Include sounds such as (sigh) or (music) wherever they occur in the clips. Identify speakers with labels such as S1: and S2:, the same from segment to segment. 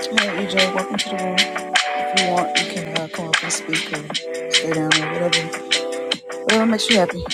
S1: Hey, EJ, welcome to the room. If you want, you can uh, come up and speak or stay down or whatever. Whatever makes you happy.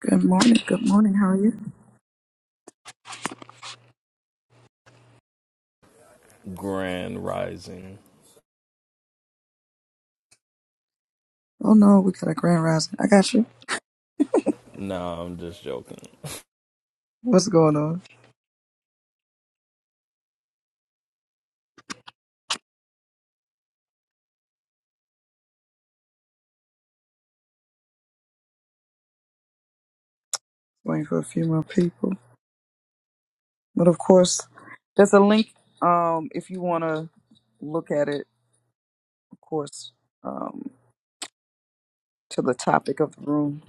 S1: Good morning. Good morning. How are you?
S2: Grand Rising.
S1: Oh no, we got a grand rising. I got you.
S2: No, I'm just joking.
S1: What's going on? Waiting for a few more people. But of course, there's a link. Um, if you want to look at it, of course, um, to the topic of the room.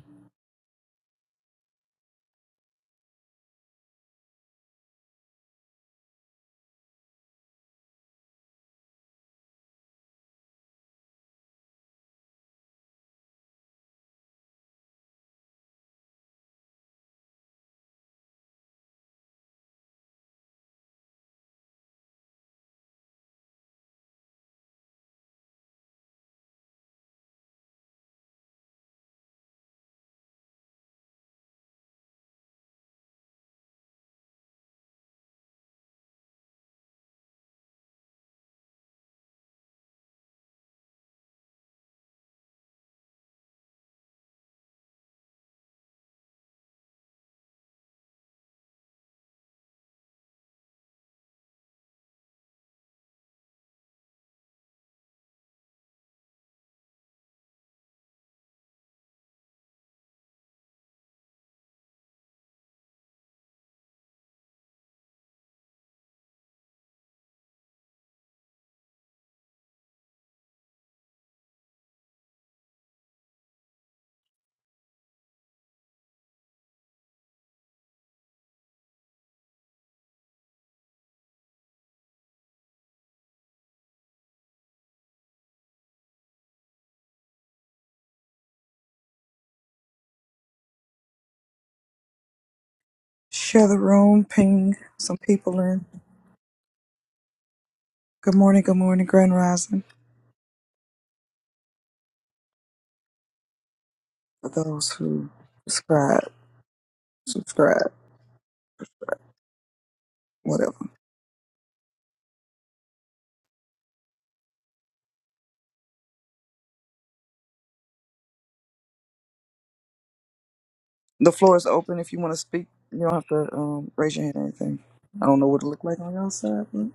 S1: Share the room. Ping some people in. Good morning. Good morning. Grand rising. For those who subscribe, subscribe. whatever. The floor is open if you want to speak. You don't have to um, raise your hand or anything. I don't know what it looked like on y'all side, but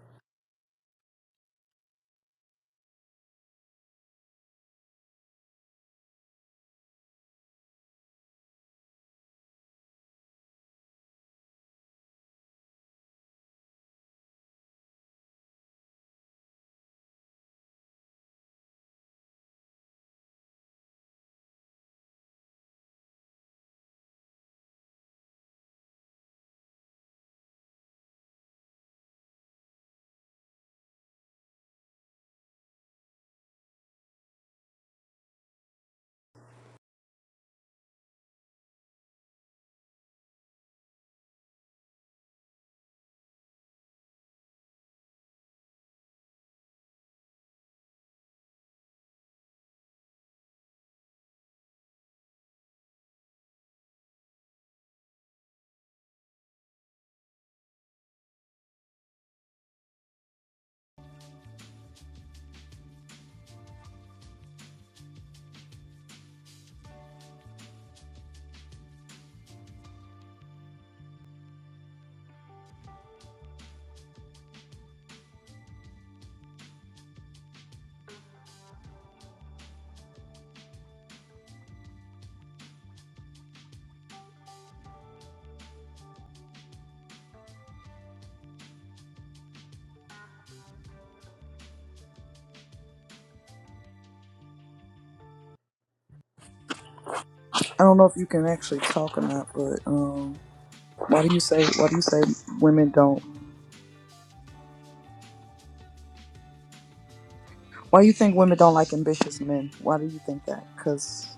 S1: I don't know if you can actually talk or not. But um, why do you say why do you say women don't? Why do you think women don't like ambitious men? Why do you think that? Because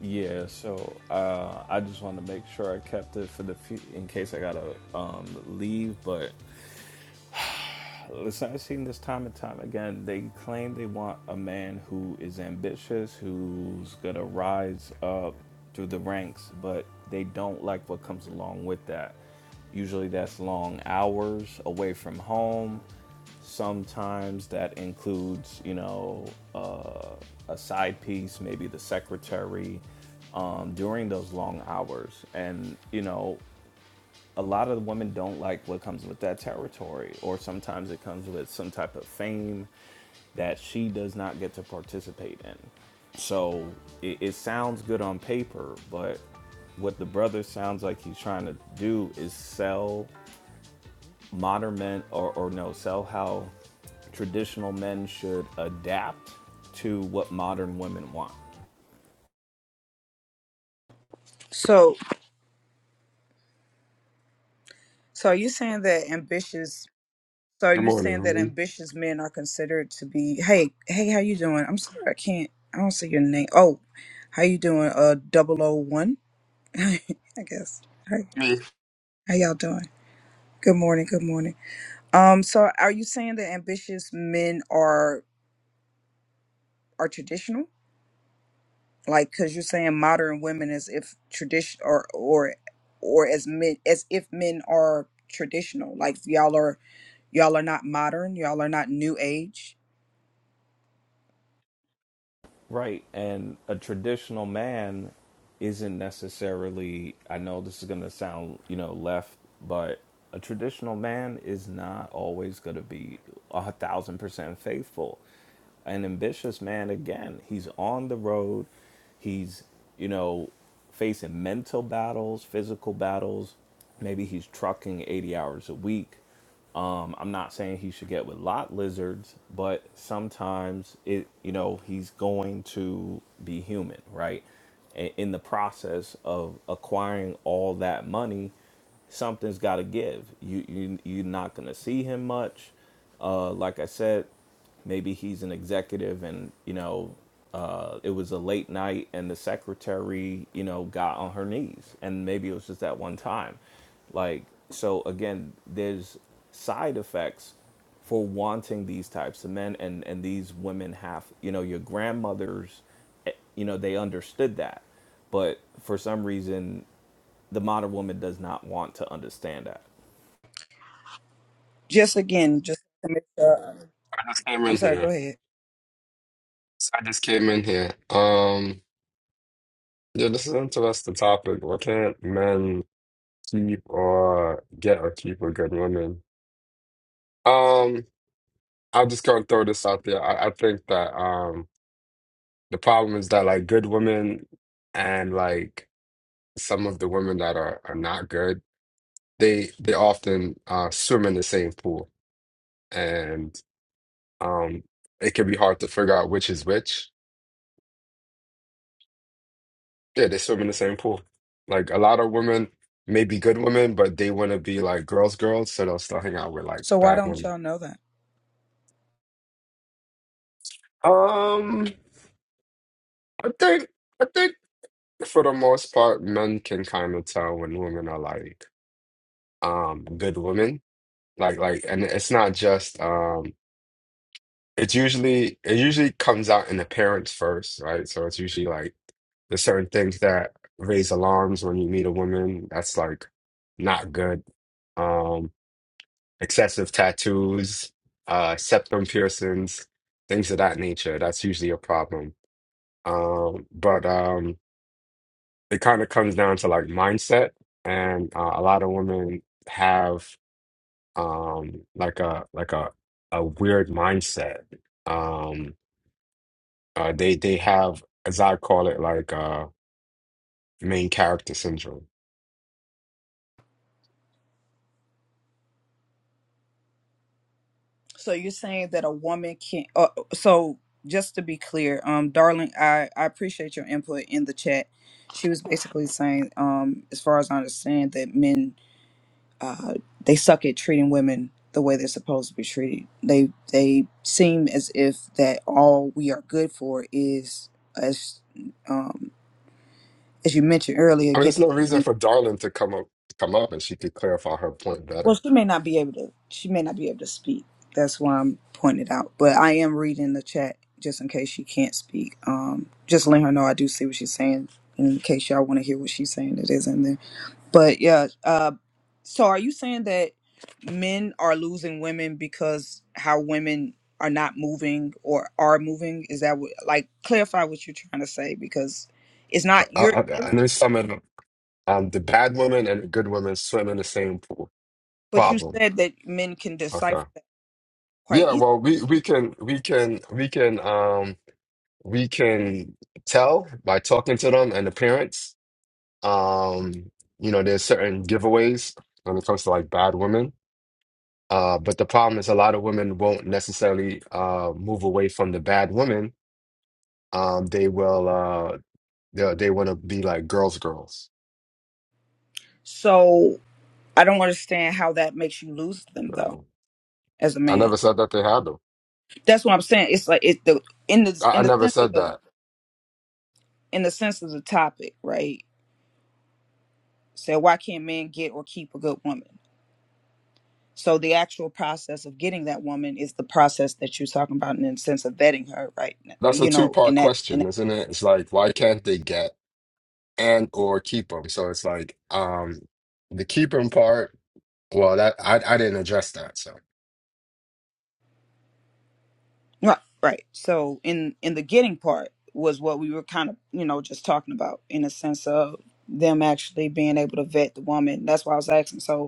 S2: Yeah, so uh, I just wanted to make sure I kept it for the fe- in case I gotta um, leave. But Listen, I've seen this time and time again. They claim they want a man who is ambitious, who's gonna rise up through the ranks, but they don't like what comes along with that. Usually, that's long hours away from home. Sometimes that includes, you know, uh, a side piece, maybe the secretary, um, during those long hours. And you know, a lot of women don't like what comes with that territory, or sometimes it comes with some type of fame that she does not get to participate in. So it, it sounds good on paper, but what the brother sounds like he's trying to do is sell modern men, or, or no, sell how traditional men should adapt to what modern women want.
S1: So, so are you saying that ambitious? So are
S3: Good
S1: you
S3: morning.
S1: saying that
S3: Ron.
S1: ambitious men are considered to be? Hey, hey, how you doing? I'm sorry, I can't. I don't see your name. Oh, how you doing? Uh, double O one. (laughs) I guess. Hey,
S3: Me,
S1: how y'all doing? Good morning. Good morning. Um, so are you saying that ambitious men are are traditional? Like, cause you're saying modern women as if tradition or or or as men as if men are traditional. Like y'all are y'all are not modern. Y'all are not new age.
S2: Right, and a traditional man isn't necessarily. I know this is going to sound, you know, left, but a traditional man is not always going to be a thousand percent faithful. An ambitious man, again, he's on the road. He's, you know, facing mental battles, physical battles. Maybe he's trucking 80 hours a week. Um, I'm not saying he should get with lot lizards, but sometimes it, you know, he's going to be human, right? A- In the process of acquiring all that money, something's got to give. You you you're not gonna see him much. Uh, like I said, maybe he's an executive, and you know, uh, it was a late night, and the secretary, you know, got on her knees, and maybe it was just that one time. Like so, again, there's side effects for wanting these types of men, and and these women have, you know, your grandmothers, eh, you know, they understood that, but for some reason, the modern woman does not want to understand that
S1: Just again, just to make sure.
S3: I just came
S1: I'm
S3: in
S1: sorry. Go
S3: here.
S1: ahead.
S3: So I just came in here. Um, yeah, this is an interesting topic. Why can't men keep or get or keep a good woman? Um, I'm just gonna throw this out there. I, I think that um the problem is that like good women and like some of the women that are, are not good, they they often uh swim in the same pool and um it can be hard to figure out which is which Yeah, they swim in the same pool. Like a lot of women may be good women, but they want to be like girls, girls, so they'll still hang out with like
S1: So why
S3: bad
S1: don't
S3: women.
S1: y'all know that?
S3: Um, I think I think for the most part, men can kind of tell when women are like um good women. Like like, and it's not just um. It's usually it usually comes out in appearance first, right? So it's usually like there's certain things that raise alarms when you meet a woman. That's like not good. Um, excessive tattoos, uh, septum piercings, things of that nature. That's usually a problem. Um, but um, it kind of comes down to like mindset, and uh, a lot of women have um, like a like a a weird mindset. Um, uh, they they have, as I call it, like uh, main character syndrome.
S1: So you're saying that a woman can uh, so just to be clear, um darling, I I appreciate your input in the chat. She was basically saying um as far as I understand that men uh they suck at treating women the way they're supposed to be treated. They they seem as if that all we are good for is as um as you mentioned earlier,
S3: I mean,
S1: getting.
S3: there's no reason for Darlin to come up come up, and she could clarify her point
S1: Well,
S3: better.
S1: she may not be able to. She may not be able to speak. That's why I'm pointing it out. But I am reading the chat just in case she can't speak. Um, just let her know I do see what she's saying. In case y'all want to hear what she's saying, it is in there. But yeah. Uh, so are you saying that men are losing women because how women are not moving or are moving? Is that what? Like, clarify what you're trying to say because it's not
S3: I,
S1: your.
S3: I, I know some of the Um, the bad woman and the good woman swim in the same pool.
S1: But you
S3: Problem.
S1: said that men can decipher
S3: Okay.
S1: that quite
S3: Yeah,
S1: easily.
S3: well, we we can we can we can um we can tell by talking to them and the parents. Um, you know, there's certain giveaways when it comes to like bad women. Uh, but the problem is a lot of women won't necessarily uh move away from the bad women. Um, they will uh they they want to be like girls girls.
S1: So. I don't understand how that makes you lose
S3: You
S1: them though,
S3: know?
S1: as a
S3: I
S1: man.
S3: never said that they had them.
S1: That's what I'm saying. It's like it the in the
S3: I, I
S1: in the
S3: never
S1: sense of
S3: said
S1: the
S3: that.
S1: in the sense of the topic, right? So why can't men get or keep a good woman? So the actual process of getting that woman is the process that you're talking about in the sense of vetting her, right?
S3: That's a
S1: You know, in
S3: two-part
S1: that in
S3: question,
S1: that,
S3: isn't it? It's like, why can't they get and or keep them? So it's like, um, the keep 'em part. Well, that I I didn't address that. So
S1: right, right. So in in the getting part was what we were kind of you know just talking about in the sense of them actually being able to vet the woman. That's why I was asking. So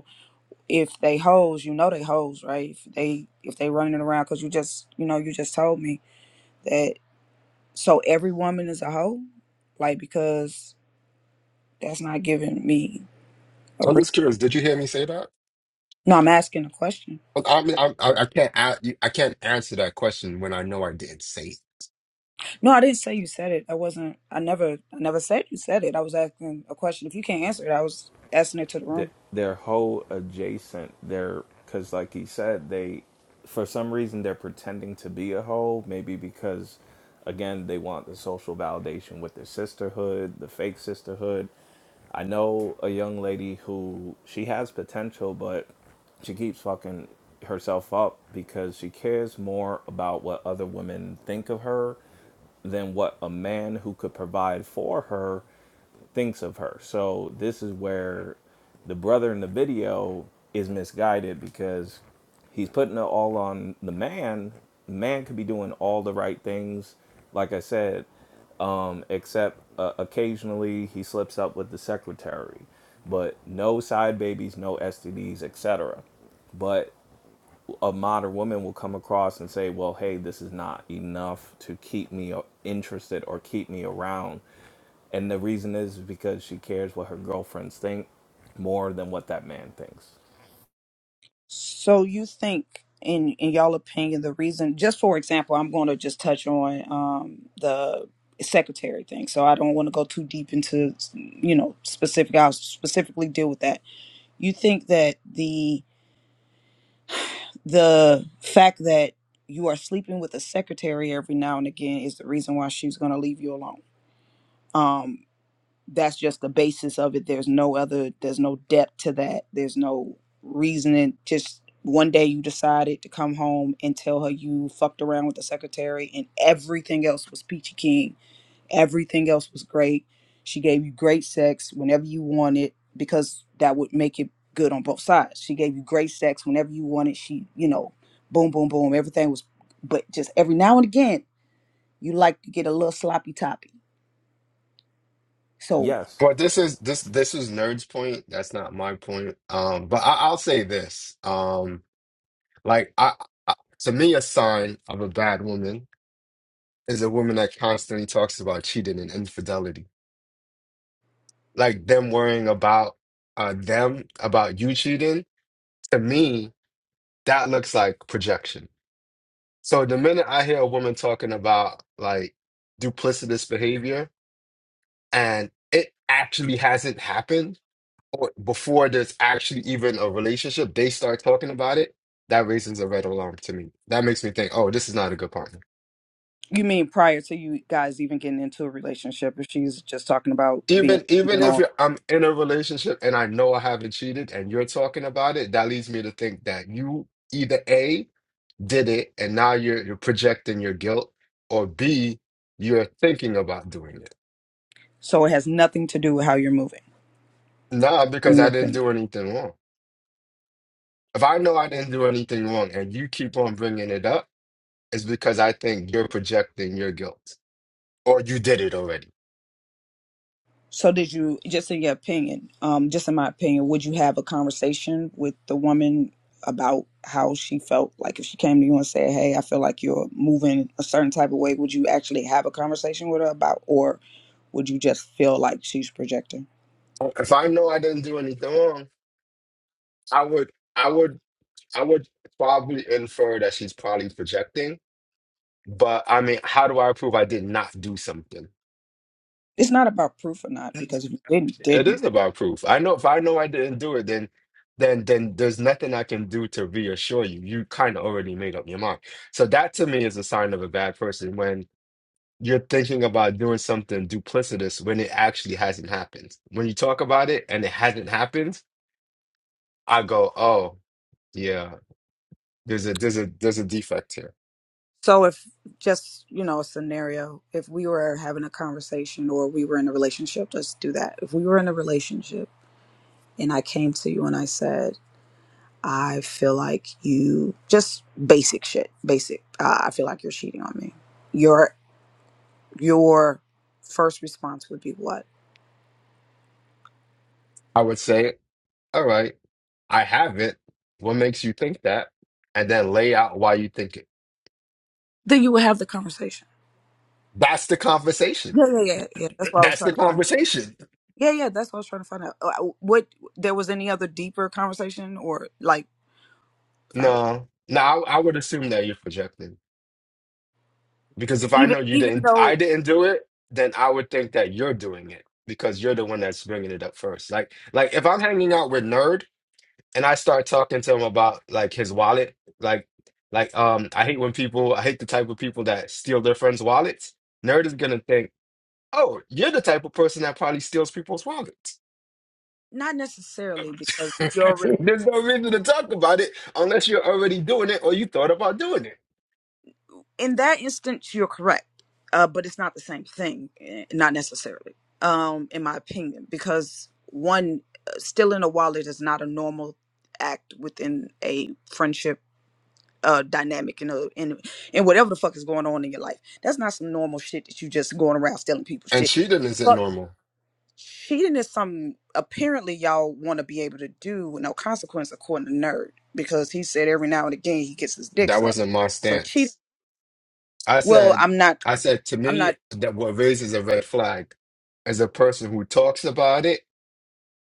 S1: if they hoes, you know they hoes, right? If they if they running around because you just you know you just told me that. So every woman is a hoe, like because that's not giving me a
S3: So I'm
S1: re-
S3: just curious. Did you hear me say that?
S1: no. I'm asking a question.
S3: I mean, I I I can't a- you- I can't answer that question when I know I didn't say it.
S1: No, I didn't say you said it. I wasn't. I never. I never said you said it. I was asking a question. If you can't answer it, I was asking it to the room.
S2: th- their whole adjacent their because like he said they for some reason they're pretending to be a hoe. maybe because again they want the social validation with their sisterhood the fake sisterhood i know a young lady who she has potential but she keeps fucking herself up because she cares more about what other women think of her than what a man who could provide for her thinks of her. So this is where the brother in the video is misguided because he's putting it all on the man. Man could be doing all the right things, like I said, um, except uh, occasionally he slips up with the secretary. But no side babies, no STDs, etc. But a modern woman will come across and say, "Well, hey, this is not enough to keep me uh, interested or keep me around." And the reason is because she cares what her girlfriends think more than what that man thinks.
S1: So you think, in in y'all opinion, the reason, just for example, I'm going to just touch on um, the secretary thing. So I don't want to go too deep into, you know, specific. I'll specifically deal with that. You think that the the fact that you are sleeping with a secretary every now and again is the reason why she's going to leave you alone. Um, that's just the basis of it there's no other there's no depth to that there's no reasoning just one day you decided to come home and tell her you fucked around with the secretary and everything else was peachy keen everything else was great she gave you great sex whenever you wanted because that would make it good on both sides she gave you great sex whenever you wanted she you know boom boom boom everything was but just every now and again you like to get a little sloppy toppy so
S2: Yes,
S3: But this is this this is Nerd's point. That's not my point. Um, but I, I'll say this. Um, like I, I to me, a sign of a bad woman is a woman that constantly talks about cheating and infidelity. like them worrying about uh them about you cheating to me that looks like projection so the minute i hear a woman talking about like duplicitous behavior and it actually hasn't happened or before there's actually even a relationship they start talking about it that raises a red alarm to me that makes me think oh this is not a good partner
S1: You mean prior to you guys even getting into a relationship? If she's just talking about being,
S3: even
S1: you
S3: even if
S1: know,
S3: you're, i'm in a relationship and i know i haven't cheated and you're talking about it that leads me to think that you either a did it and now you're you're projecting your guilt or b you're thinking about doing it
S1: so it has nothing to do with how you're moving,
S3: nah
S1: in
S3: because i
S1: your
S3: didn't
S1: opinion.
S3: do anything wrong if i know i didn't do anything wrong and you keep on bringing it up it's because i think you're projecting your guilt or you did it already
S1: So did you, just in your opinion, um, just in my opinion, would you have a conversation with the woman about how she felt? Like if she came to you and said, "Hey, I feel like you're moving a certain type of way," would you actually have a conversation with her about, or would you just feel like she's projecting?
S3: if i know i didn't do anything wrong i would i would i would probably infer that she's probably projecting but i mean how do i prove i did not do something
S1: It's not about proof or not because if you didn't,
S3: It
S1: didn't.
S3: is about proof. I know if I know I didn't do it, then then then there's nothing I can do to reassure you. You kind of already made up your mind. So that to me is a sign of a bad person when you're thinking about doing something duplicitous when it actually hasn't happened. When you talk about it and it hasn't happened, I go, "Oh, yeah, there's a there's a there's a defect here."
S1: So if just, you know, a scenario, if we were having a conversation or we were in a relationship, let's do that. If we were in a relationship and I came to you and I said, I feel like you just basic shit, basic. Uh, I feel like you're cheating on me. Your your first response would be what?
S3: I would say, "All right, I have it. What makes you think that?" And then lay out why you think it.
S1: Then you would have the conversation.
S3: That's the conversation.
S1: Yeah, yeah, yeah, yeah. That's what I was
S3: That's
S1: trying
S3: the
S1: to find.
S3: conversation.
S1: Yeah, yeah. That's what I was trying to find out. Uh, What there was any other deeper conversation or like like
S3: No, no, I, I would assume that you're projecting because if I
S1: even
S3: know you
S1: even
S3: didn't,
S1: though
S3: I didn't do it, then I would think that you're doing it because you're the one that's bringing it up first. Like, like if I'm hanging out with Nerd and I start talking to him about like his wallet, like, like um, I hate when people, I hate the type of people that steal their friends' wallets. Nerd is gonna think, oh, you're the type of person that probably steals people's wallets.
S1: Not necessarily because
S3: (laughs)
S1: you're rela-
S3: There's no reason to talk about it unless you're already doing it or you thought about doing it.
S1: in that instance you're correct, uh, but it's not the same thing. eh, Not necessarily, um, in my opinion, because one uh, stealing a wallet is not a normal act within a friendship uh, dynamic and a and and whatever the fuck is going on in your life. That's not some normal shit that you just going around stealing people's
S3: And
S1: shit.
S3: cheating isn't normal.
S1: cheating is something apparently y'all want to be able to do with no consequence according to nerd because he said every now and again he gets his dicks
S3: That
S1: up
S3: wasn't my
S1: so cheating
S3: stance. I
S1: well
S3: said,
S1: i'm not
S3: I said to
S1: i'm
S3: me
S1: not
S3: that what raises a red flag is a person who talks about it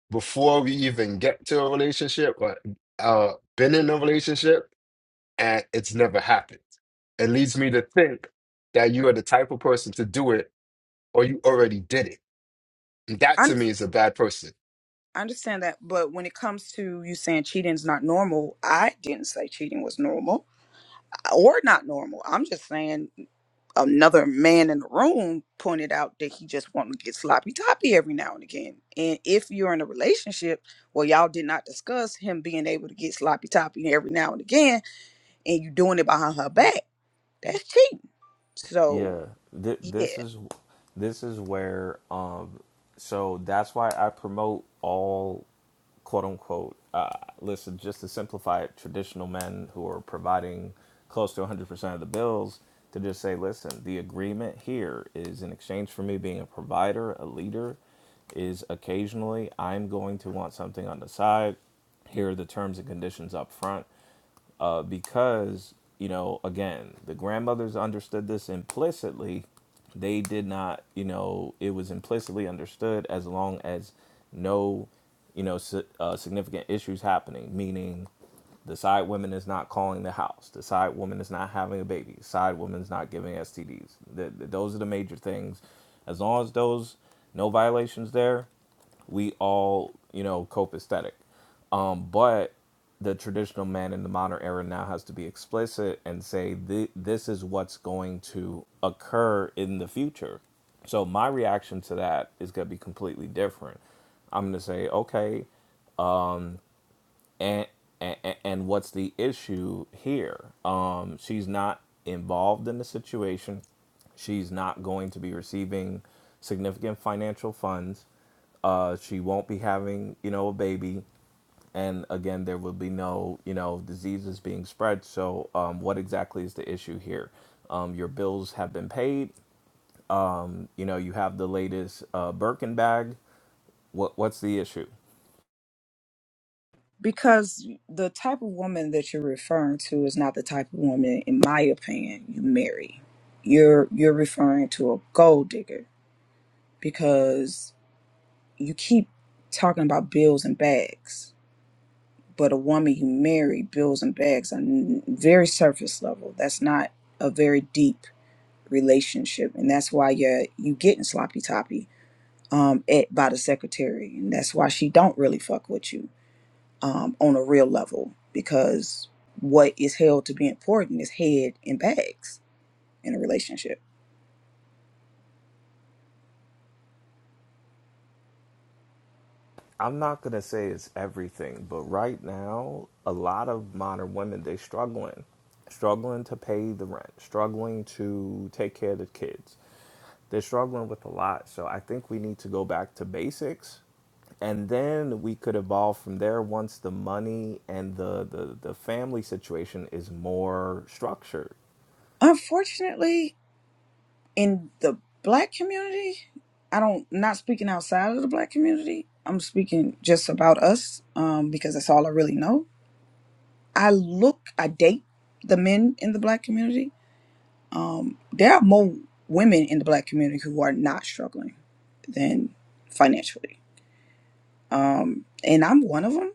S3: before we even get to a relationship or uh, been in a relationship and it's never happened. It leads me to think that you are the type of person to do it or you already did it. And that
S1: I,
S3: to
S1: under,
S3: me is a bad person.
S1: I understand that but when it comes to you saying cheating is not normal i didn't say cheating was normal uh, or not normal i'm just saying another man in the room pointed out that he just wanted to get sloppy toppy every now and again and if you're in a relationship well y'all did not discuss him being able to get sloppy toppy every now and again and you doing it behind her back, that's cheating. So
S2: Yeah, th-
S1: yeah,
S2: this is this is where um so that's why I promote all quote unquote uh listen just to simplify it traditional men who are providing close to 100% of the bills to just say listen the agreement here is in exchange for me being a provider, a leader is occasionally I'm going to want something on the side here are the terms and conditions up front uh, because you know again the grandmothers understood this implicitly they did not you know it was implicitly understood as long as no you know si- uh, significant issues happening meaning the side woman is not calling the house the side woman is not having a baby the side woman is not giving stds the, the, those are the major things as long as those no violations there we all you know cope um, but the traditional man in the modern era now has to be explicit and say th- this is what's going to occur in the future. So my reaction to that is going to be completely different. I'm going to say, okay, and, and and what's the issue here? Um, she's not involved in the situation. She's not going to be receiving significant financial funds uh, she won't be having you know a baby and again there would be no you know diseases being spread so um, what exactly is the issue here um, your bills have been paid um, you know you have the latest uh, birkin bag what, what's the issue
S1: Because the type of woman that you're referring to is not the type of woman, in my opinion, you marry. You're you're referring to a gold digger because you keep talking about bills and bags, but a woman you marry, bills and bags are n- very surface level. That's not a very deep relationship, and that's why you you getting sloppy toppy um, at by the secretary, and that's why she don't really fuck with you um, on a real level because what is held to be important is head and bags in a relationship.
S2: i'm not going to say it's everything but right now a lot of modern women they struggling struggling to pay the rent struggling to take care of the kids they're struggling with a lot so i think we need to go back to basics and then we could evolve from there once the money and the, the, the family situation is more structured.
S1: Unfortunately, in the black community, I don't I'm not speaking outside of the black community. I'm speaking just about us um, because that's all I really know. I look, I date the men in the black community. Um, there are more women in the black community who are not struggling than financially. Um, and I'm one of them.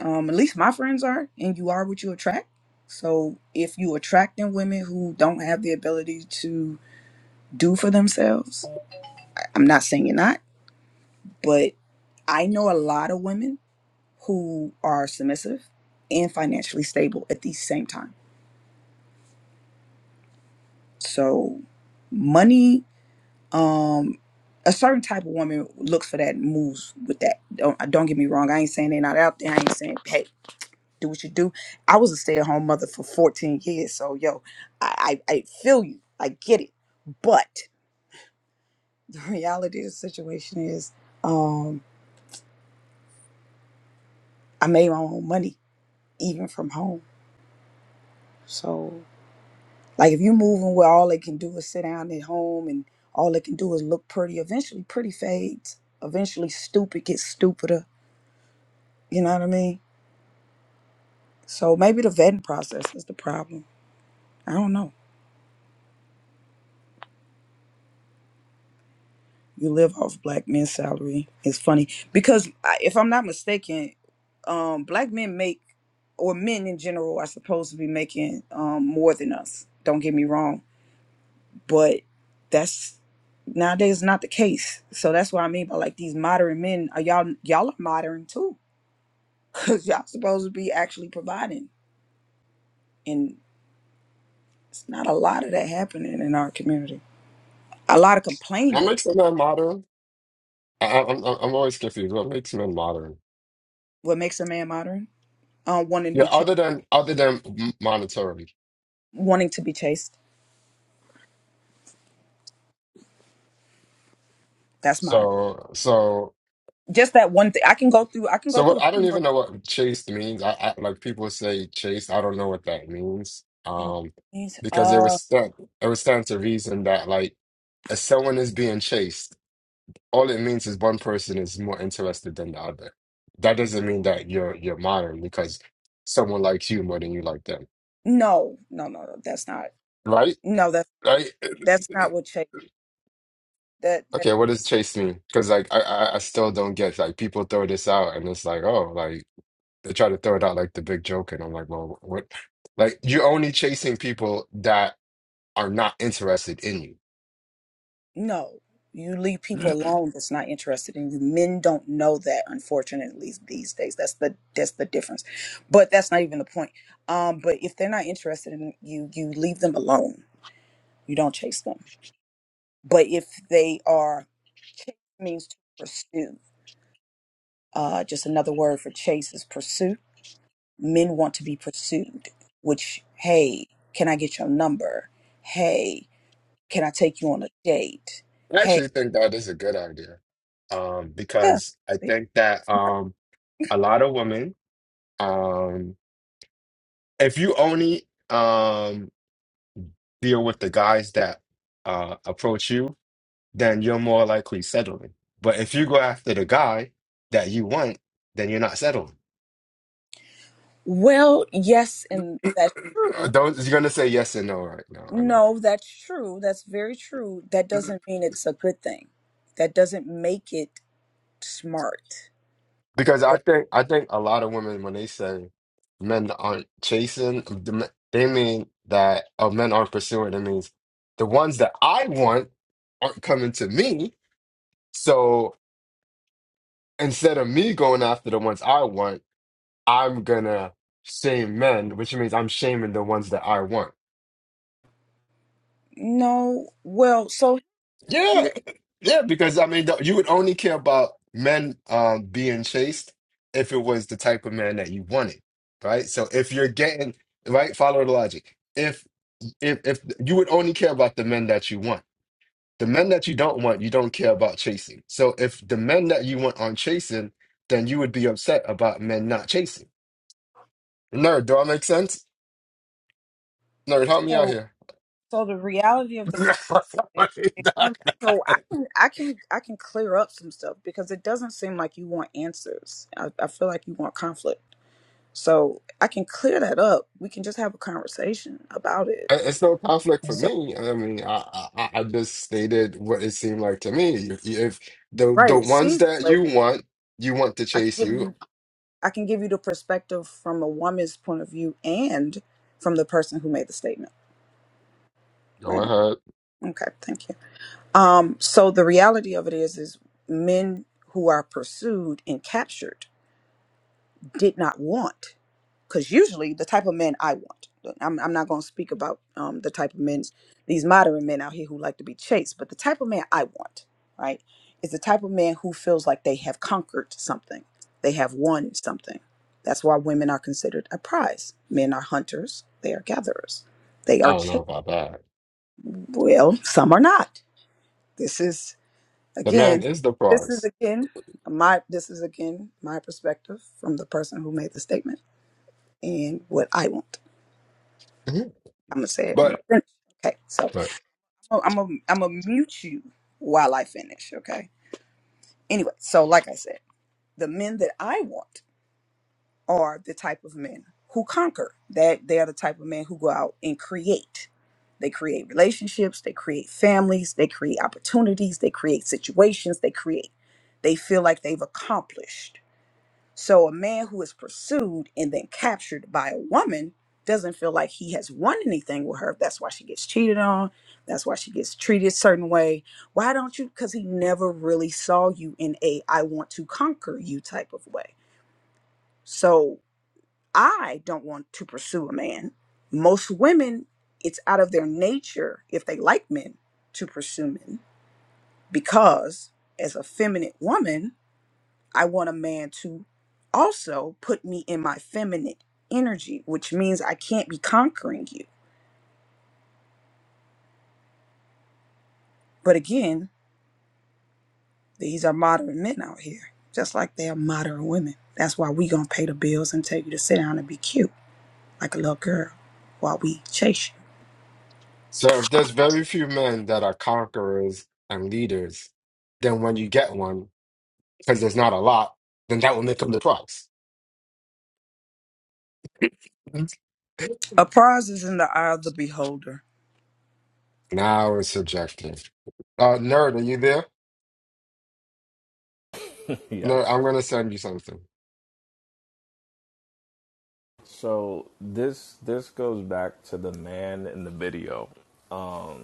S1: Um, at least my friends are, and you are what you attract. So if you attracting women who don't have the ability to do for themselves, I'm not saying you're not, but I know a lot of women who are submissive and financially stable at the same time. So money um a certain type of woman looks for that and moves with that don't uh, don't get me wrong i ain't saying they're not out there i ain't saying hey do what you do i was a stay-at-home mother for 14 years so yo i i, I feel you i get it but (laughs) the reality of the situation is um i made my own money even from home so like if you are moving where all they can do is sit down at home and all they can do is look pretty eventually pretty fades eventually stupid gets stupider you know what i mean So maybe the vetting process is the problem. I don't know. You live off black men's salary. It's funny because I- if I'm not mistaken, um, black men make or men in general are supposed to be making um, more than us. Don't get me wrong, but that's nowadays not the case. So that's what I mean by like these modern men. Are y'all y'all are modern too? (laughs) Cause y'all supposed to be actually providing, and it's not a lot of that happening in our community. A lot of
S3: What
S1: complaining.
S3: makes a man modern? I, I, I'm, I'm always confused. What makes men modern?
S1: What makes a man modern? um, wanting to
S3: Yeah,
S1: be ch-
S3: other than other than m- monetarily.
S1: wanting to be chased. That's modern.
S3: So so.
S1: Just that one thing. I can go through. I can go
S3: So
S1: through
S3: what,
S1: a
S3: I
S1: few
S3: don't
S1: more.
S3: even know what chaste means. I, I like people say chaste. I don't know what that means.
S1: You know,
S3: Um,
S1: things.
S3: because it was
S1: uh,
S3: stand, it was stand to reason that like if someone is being chased, all it means is one person is more interested than the other. That doesn't mean that you're you're modern because someone likes you more than you like them,
S1: no, no, no, no. That's not.
S3: right?
S1: No, that's
S3: Right?
S1: that's not what chase. That, that
S3: Okay, what does chaste mean? Because like I, I I still don't get like people throw this out and it's like oh like. They try to throw it out like the big joke, and I'm like, well, what? Like you're only chasing people that are not interested in you.
S1: no. You leave people alone. That's not interested in you. Men don't know that, unfortunately, these days. That's the that's the difference. But that's not even the point. Um, but if they're not interested in you, you leave them alone. You don't chase them. But if they are, chase means to pursue Uh, just another word for chase is pursuit. Men want to be pursued, which, hey, can I get your number? Hey, can I take you on a date?
S3: I
S1: Hey,
S3: actually think that is a good idea, um,
S1: yeah.
S3: because I think that um, a lot of women, um, if you only um, deal with the guys that uh, approach you, then you're more likely settling. But if you go after the guy that you want, then you're not settling.
S1: Well, yes,
S3: (coughs)
S1: and that's true.
S3: (clears throat) Those you're gonna say yes and no right now. I know.
S1: No, that's true. That's very true. That doesn't mean it's a good thing. That doesn't make it smart.
S3: Because
S1: But
S3: I think I think a lot of women when they say men aren't chasing, the me- they mean that oh, men aren't pursuing. It means the ones that I want aren't coming to me. So instead of me going after the ones I want, I'm gonna shame men, which means I'm shaming the ones that I want.
S1: no, well, so
S3: Yeah,
S1: here,
S3: yeah, because I mean, th- you would only care about men um being chased if it was the type of man that you wanted, right? So if you're getting right, follow the logic. If if if you would only care about the men that you want, the men that you don't want, you don't care about chasing. So if the men that you want aren't chasing, then you would be upset about men not chasing. Nerd, do I make sense? Nerd, help me out
S1: so
S3: here.
S1: so the reality of the situation. um, So
S3: (laughs)
S1: I can I can I can clear up some stuff because it doesn't seem like you want answers. I, I feel like you want conflict. So I can clear that up. We can just have a conversation about it.
S3: I- It's no conflict for
S1: So
S3: me. I mean, I, I I I just stated what it seemed like to me. If if the
S1: right,
S3: the
S1: it
S3: ones
S1: seems that
S3: that
S1: way, but
S3: you want, you want to
S1: I can
S3: chase
S1: give you.
S3: you,
S1: I can give you the perspective from a woman's point of view and from the person who made the statement,
S3: go
S1: right?
S3: ahead.
S1: Okay, thank you. Um, so the reality of it is, is men who are pursued and captured did not want because usually the type of men i want i'm, I'm not going to speak about um, the type of men these modern men out here who like to be chased but the type of man i want right is the type of man who feels like they have conquered something they have won something that's why women are considered a prize men are hunters they are gatherers they are
S3: I don't know
S1: chased
S3: about that.
S1: well some are not this is
S3: The man
S1: again
S3: is the
S1: this is
S3: prize.
S1: again my this is again my perspective from the person who made the statement and what I want.
S3: Mhm.
S1: I'm gonna say it. I'm gonna
S3: But
S1: finish. Okay, so
S3: but
S1: I'm gonna I'm gonna mute you while I finish. Okay. Anyway, so like I said, the men that I want are the type of men who conquer. That they are the type of men who go out and create. They create relationships. They create families. They create opportunities. They create situations. They create. They feel like they've accomplished So a man who is pursued and then captured by a woman doesn't feel like he has won anything with her. That's why she gets cheated on. That's why she gets treated a certain way. Why don't you? Because he never really saw you in a I want to conquer you type of way. So I don't want to pursue a man. Most women, it's out of their nature if they like men to pursue men because as a feminine woman, I want a man to also put me in my feminine energy, which means I can't be conquering you. But again, these are modern men out here, just like they are modern women. That's why we gonna pay the bills and tell you to sit down and be cute like a little girl while we chase you.
S3: so if there's very few men that are conquerors and leaders, then when you get one, because there's not a lot, then that will make him the prize. Mhm.
S1: A prize is in the eye of the beholder.
S3: Now it's subjective. Uh, nerd, are you there?
S2: (laughs) yeah.
S3: Nerd, I'm gonna send you something.
S2: So this this goes back to the man in the video. Um,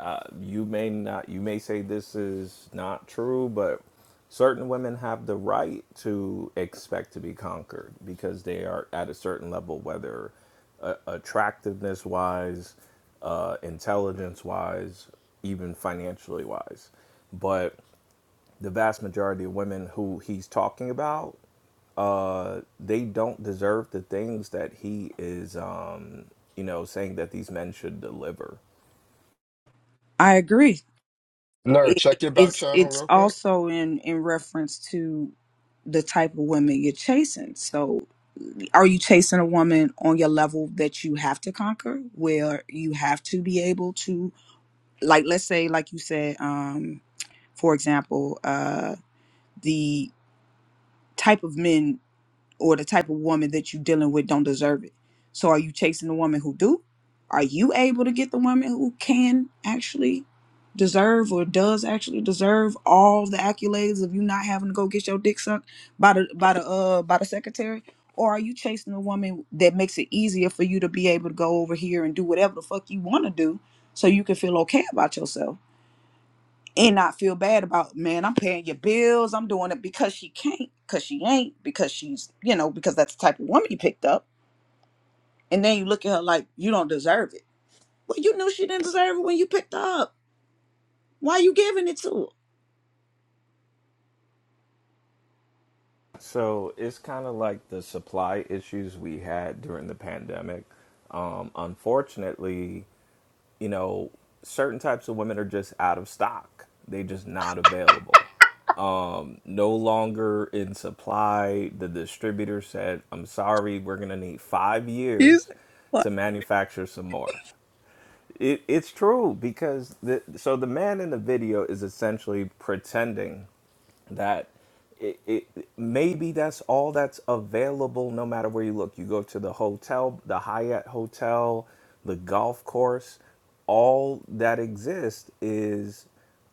S2: uh, you may not you may say this is not true but certain women have the right to expect to be conquered because they are at a certain level whether uh, attractiveness wise uh, intelligence wise even financially wise but the vast majority of women who he's talking about uh, they don't deserve the things that he is um, you know saying that these men should deliver
S1: I agree.
S3: Nerd,
S1: It, it-
S3: check your back
S1: it's
S3: channel
S1: it's
S3: real quick.
S1: also in in reference to the type of women you're chasing. So. are you chasing a woman on your level that you have to conquer where you have to be able to like let's say like you said um for example uh the type of men or the type of woman that you're dealing with don't deserve it. So are you chasing the woman who do? Are you able to get the woman who can actually deserve or does actually deserve all the accolades of you not having to go get your dick sucked by the by the uh by the secretary? Or are you chasing a woman that makes it easier for you to be able to go over here and do whatever the fuck you want to do so you can feel okay about yourself? and not feel bad about man i'm paying your bills i'm doing it because she can't because she ain't because she's you know because that's the type of woman you picked up and then you look at her like you don't deserve it well you knew she didn't deserve it when you picked her up why you giving it to her
S2: So it's kind of like the supply issues we had during the pandemic. Um, unfortunately, you know, certain types of women are just out of stock, they are just not available. Um, no longer in supply. The distributor said, I'm sorry, we're going to need five
S1: You
S2: years
S1: say
S2: to
S1: what?
S2: manufacture some more. It, it's true because the, so the man in the video is essentially pretending that it, it maybe that's all that's available no matter where you look you go to the hotel the hyatt hotel the golf course all that exists is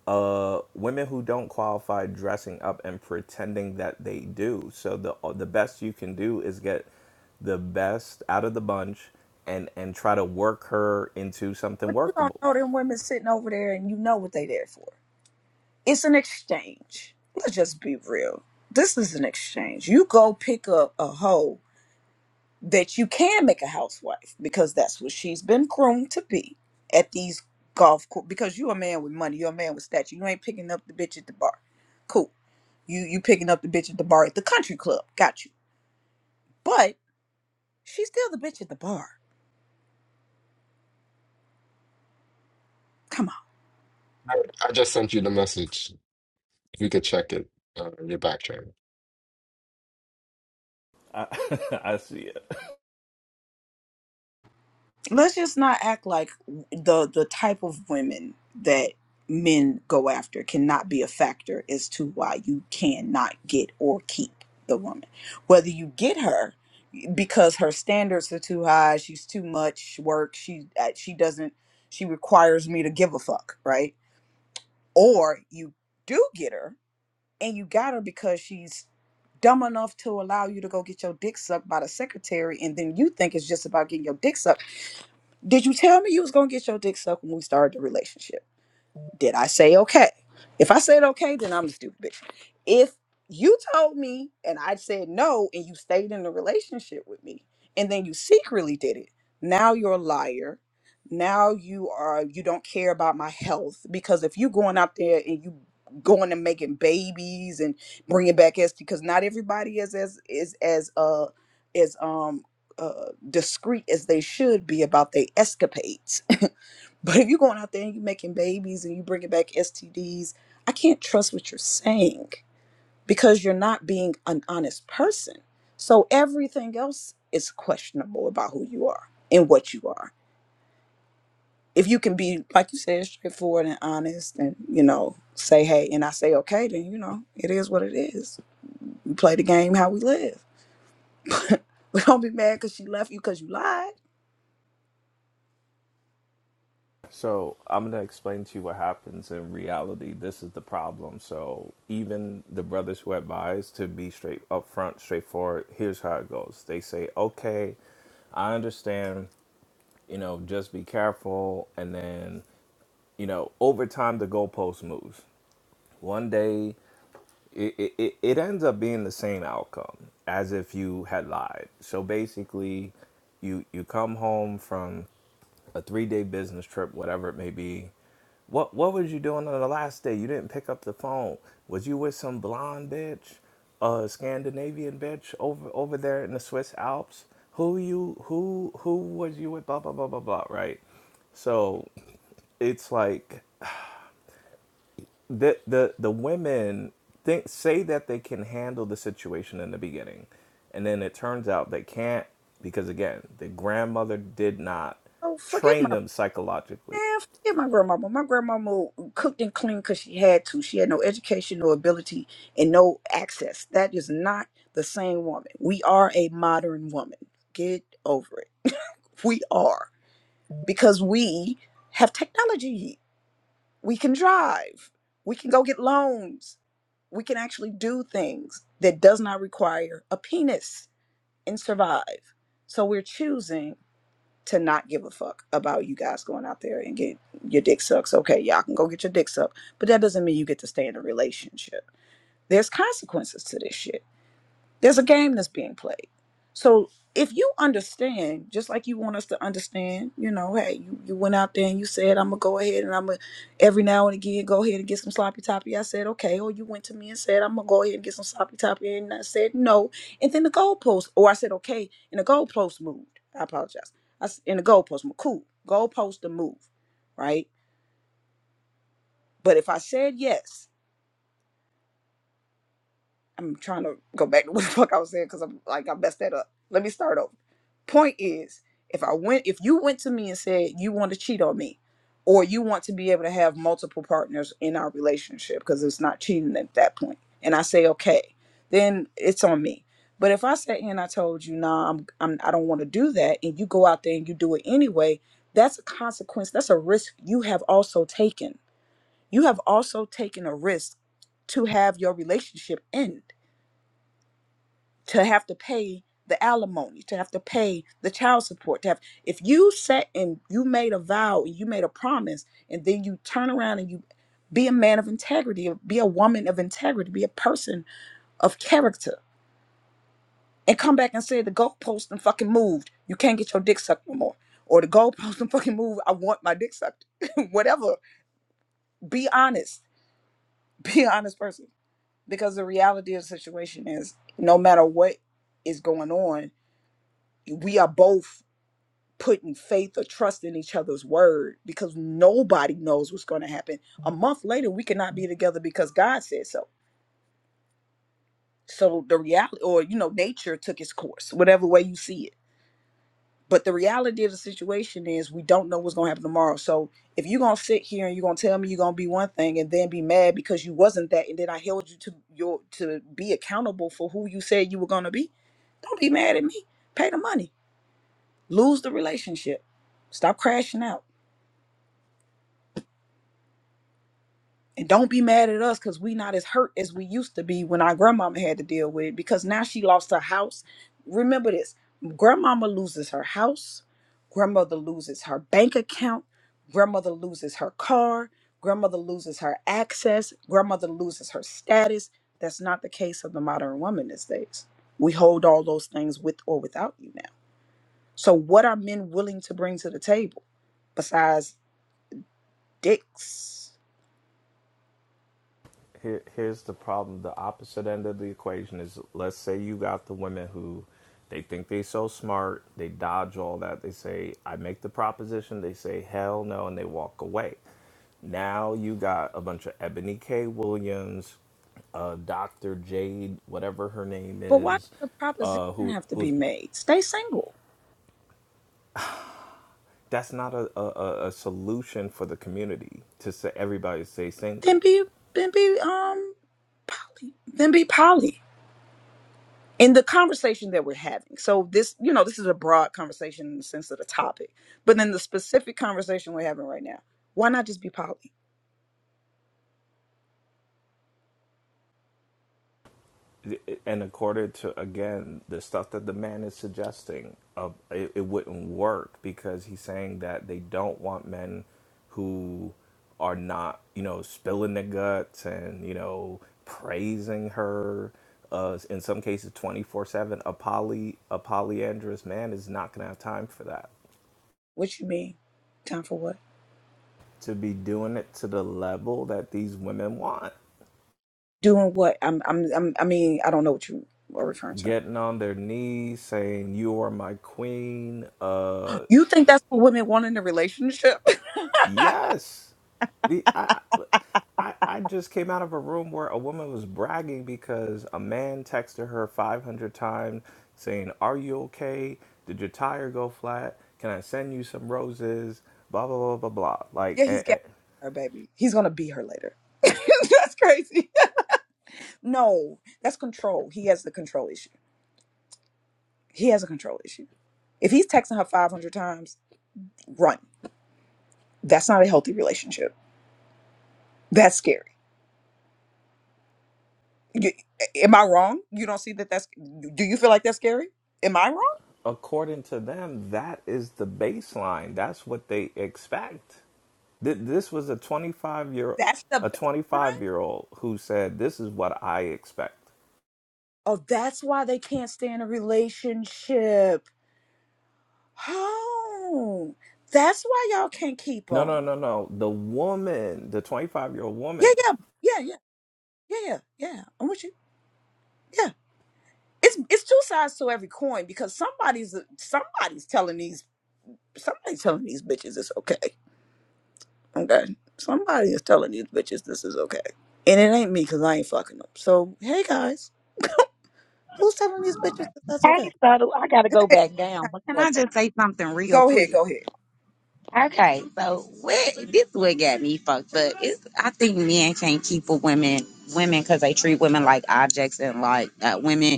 S2: uh, women who don't qualify dressing up and pretending that they do so the uh, the best you can do is get the best out of the bunch and and try to work her into something
S1: but you don't
S2: workable
S1: know them women sitting over there and you know what they there for it's an exchange let's just be real this is an exchange you go pick up a hoe that you can make a housewife because that's what she's been groomed to be at these golf course. Because you're a man with money, you're a man with stature. You ain't picking up the bitch at the bar. Cool. You you picking up the bitch at the bar at the country club. Got you. But she's still the bitch at the bar. Come on.
S3: I I just sent you the message. You could check it. Uh, your backtrack.
S2: i, (laughs) I see it
S1: Let's just not act like the the type of women that men go after cannot be a factor as to why you cannot get or keep the woman. Whether you get her because her standards are too high. She's too much work. She uh, she doesn't she requires me to give a fuck, right? Or you do get her and you got her because she's dumb enough to allow you to go get your dick sucked by the secretary and then you think it's just about getting your dick sucked. Did you tell me you was going to get your dick sucked when we started the relationship? Did I say okay? If I said okay, then I'm the stupid bitch. If you told me and I said no and you stayed in the relationship with me and then you secretly did it, now you're a liar. Now you are you don't care about my health because if you going out there and you going and making babies and bringing back as because not everybody is as is as uh is um uh discreet as they should be about their escapades (laughs) But if you're going out there and you're making babies and you bringing back STDs, I can't trust what you're saying because you're not being an honest person. So everything else is questionable about who you are and what you are. If you can be, like you said, straightforward and honest and, you know, say, hey, and I say, okay, then, you know, it is what it is. We play the game how we live. (laughs) we don't be mad because she left you because you lied.
S2: So I'm gonna explain to you what happens in reality. This is the problem. So even the brothers who advise to be straight upfront, straightforward, here's how it goes. They say, Okay, I understand, you know, just be careful and then, you know, over time the goalpost moves. One day it, it, it it ends up being the same outcome as if you had lied. So basically you you come home from a three day business trip, whatever it may be. What what was you doing on the last day? You didn't pick up the phone. Was you with some blonde bitch, uh, Scandinavian bitch over over there in the Swiss Alps? Who you who who was you with? Blah blah blah blah blah. Right. So it's like the the the women think say that they can handle the situation in the beginning, and then it turns out they can't because again the grandmother did not
S1: Oh, forget my
S2: train them psychologically.
S1: Man, forget my grandmama. My grandmama cooked and cleaned because she had to. She had no education, no ability, and no access. That is not the same woman. We are a modern woman. Get over it. We are because we have technology. We can drive. We can go get loans. We can actually do things that does not require a penis and survive. So we're choosing to not give a fuck about you guys going out there and get your dick sucked, Okay, y'all can go get your dick sucked, but that doesn't mean you get to stay in a relationship. There's consequences to this shit. There's a game that's being played. So if you understand, just like you want us to understand, you know, hey, you, you went out there and you said, I'm gonna go ahead and I'm gonna every now and again go ahead and get some sloppy toppy. I said, okay. Or you went to me and said, I'm gonna go ahead and get some sloppy toppy, and I said no. And then the goalpost, or I said okay, and the goalpost moved. I apologize. I s- and the goalpost moved. Cool. Goalpost to move, right? But if I said yes I'm trying to go back to (laughs) what the fuck I was saying because I'm like I messed that up. Let me start over. Point is, if I went, if you went to me and said you want to cheat on me, or you want to be able to have multiple partners in our relationship because it's not cheating at that point, and I say okay, then it's on me. But if I sat here and I told you, nah, I'm, I'm I don't want to do that, and you go out there and you do it anyway, that's a consequence. That's a risk you have also taken. You have also taken a risk to have your relationship end to have to pay the alimony, to have to pay the child support, to have if you set and you made a vow and you made a promise and then you turn around and you be a man of integrity, or be a woman of integrity, be a person of character, and come back and say the goalpost and fucking moved. You can't get your dick sucked no more. Or the goalpost (laughs) and fucking moved. I want my dick sucked. (laughs) Whatever. Be honest. (laughs) Be an honest person. Because the reality of the situation is no matter what is going on, we are both putting faith or trust in each other's word because nobody knows what's going to happen. A month later, we cannot be together because God said so. So the reality, or you know, nature took its course, whatever way you see it. But the reality of the situation is we don't know what's going to happen tomorrow. So if you're going to sit here and you're going to tell me you're going to be one thing and then be mad because you wasn't that and then I held you to your to be accountable for who you said you were going to be, don't be mad at me. Pay the money. Lose the relationship. Stop crashing out And don't be mad at us because we not as hurt as we used to be when our grandmama had to deal with it because now she lost her house. Remember this grandmama loses her house, grandmother loses her bank account, grandmother loses her car, grandmother loses her access, grandmother loses her status. That's not the case of the modern woman these days. We hold all those things with or without you now. So, what are men willing to bring to the table besides dicks?
S2: Here, here's the problem. The opposite end of the equation is let's say you got the women who they think they so smart, they dodge all that. They say, I make the proposition, they say hell no, and they walk away. Now you got a bunch of Ebony K. Williams, uh, Dr. Jade, whatever her name
S1: But why does
S2: is,
S1: a proposition
S2: uh, who
S1: have to be
S2: who's
S1: made? Stay single.
S2: that's not a, a, a a solution for the community to say everybody stay
S1: Then
S2: single.
S1: be then be um poly. Then be poly. In the conversation that we're having. So this, you know, this is a broad conversation in the sense of the topic. But then the specific conversation we're having right now, why not just be poly?
S2: and according to again the stuff that the man is suggesting uh, it, it wouldn't work because he's saying that they don't want men who are not you know spilling their guts and you know praising her uh, in some cases 24-7 a poly a polyandrous man is not going to have time for that
S1: What you mean? Time for what?
S2: to be doing it to the level that these women want
S1: Doing what? I'm I'm, I'm I mean, I don't know what you are referring to.
S2: getting on their knees saying you are my queen uh
S1: You think that's what women want in a relationship? (laughs)
S2: Yes. The I I I just came out of a room where a woman was bragging because a man texted her 500 times saying, "Are you okay? Did your tire go flat? Can I send you some roses?" blah blah blah blah blah. Like
S1: Yeah, he's
S2: a,
S1: gassing
S2: a,
S1: her, baby. He's gonna be her later. (laughs) that's crazy. no, that's control. He has the control issue. He has a control issue. If he's texting her 500 times, run. That's not a healthy relationship. That's scary. You- am I wrong? You don't see that that's, do you feel like that's scary? Am I wrong?
S2: according to them, that is the baseline. That's what they expect. Th- this was a 25 year
S1: That's the
S2: a 25
S1: baseline?
S2: year old who said, "This is what I expect."
S1: Oh, that's why they can't stay in a relationship. Oh, that's why y'all can't keep
S2: No, no,
S1: them.
S2: no, no. The woman, the 25 year old
S1: Yeah,
S2: woman.
S1: yeah, yeah, yeah, yeah, yeah, yeah. I'm with you. Yeah. it's it's two sides to every coin because somebody's somebody's telling these somebody's telling these bitches it's okay. Okay, somebody is telling these bitches this is okay, and it ain't me because I ain't fucking them. So hey guys, who's telling these bitches that that's
S4: Hey,
S1: okay?
S4: Subtle, I gotta go back down, but can
S1: Go on,
S4: I just say something real
S1: go ahead,
S4: quick?
S1: go ahead.
S4: Okay, so what this what got me fucked up. It's, I think men can't keep with women women because they treat women like objects and like uh, women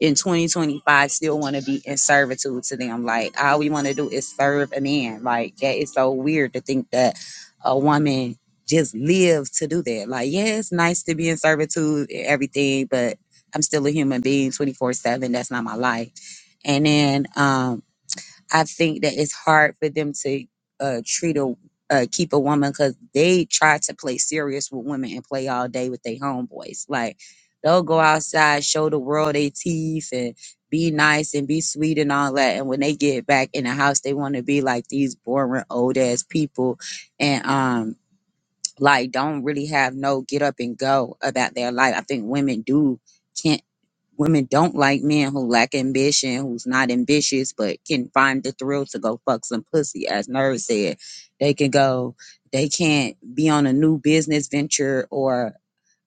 S4: in 2025 still want to be in servitude to them. Like all we want to do is serve a man. Like that is so weird to think that a woman just lives to do that. Like, yeah, it's nice to be in servitude and everything, but I'm still a human being 24 7. That's not my life. And then um I think that it's hard for them to uh, treat a uh, keep a woman because they try to play serious with women and play all day with their homeboys. Like they'll go outside, show the world they teeth, and be nice and be sweet and all that. And when they get back in the house, they want to be like these boring old ass people, and um like don't really have no get up and go about their life. I think women do. can't women don't like men who lack ambition, who's not ambitious, but can find the thrill to go fuck some pussy. As Nerve said, they can go, they can't be on a new business venture or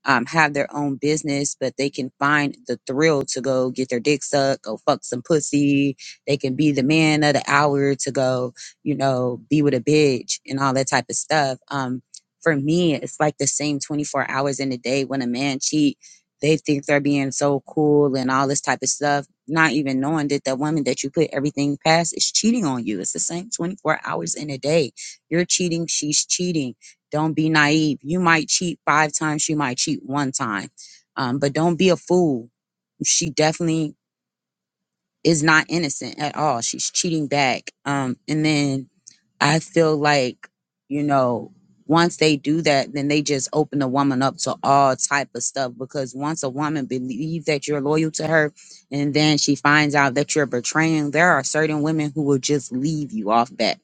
S4: um, have their own business, but they can find the thrill to go get their dick sucked, go fuck some pussy. They can be the man of the hour to go, you know, be with a bitch and all that type of stuff. Um, for me, it's like the same 24 hours in a day when a man cheat, they think they're being so cool and all this type of stuff, not even knowing that the woman that you put everything past is cheating on you. It's the same 24 hours in a day. You're cheating, she's cheating don't be naive. You might cheat five times, she might cheat one time. Um, but don't be a fool. She definitely is not innocent at all. She's cheating back. Um, and then I feel like, you know, once they do that, then they just open the woman up to all type of stuff because once a woman believes that you're loyal to her and then she finds out that you're betraying, there are certain women who will just leave you off bat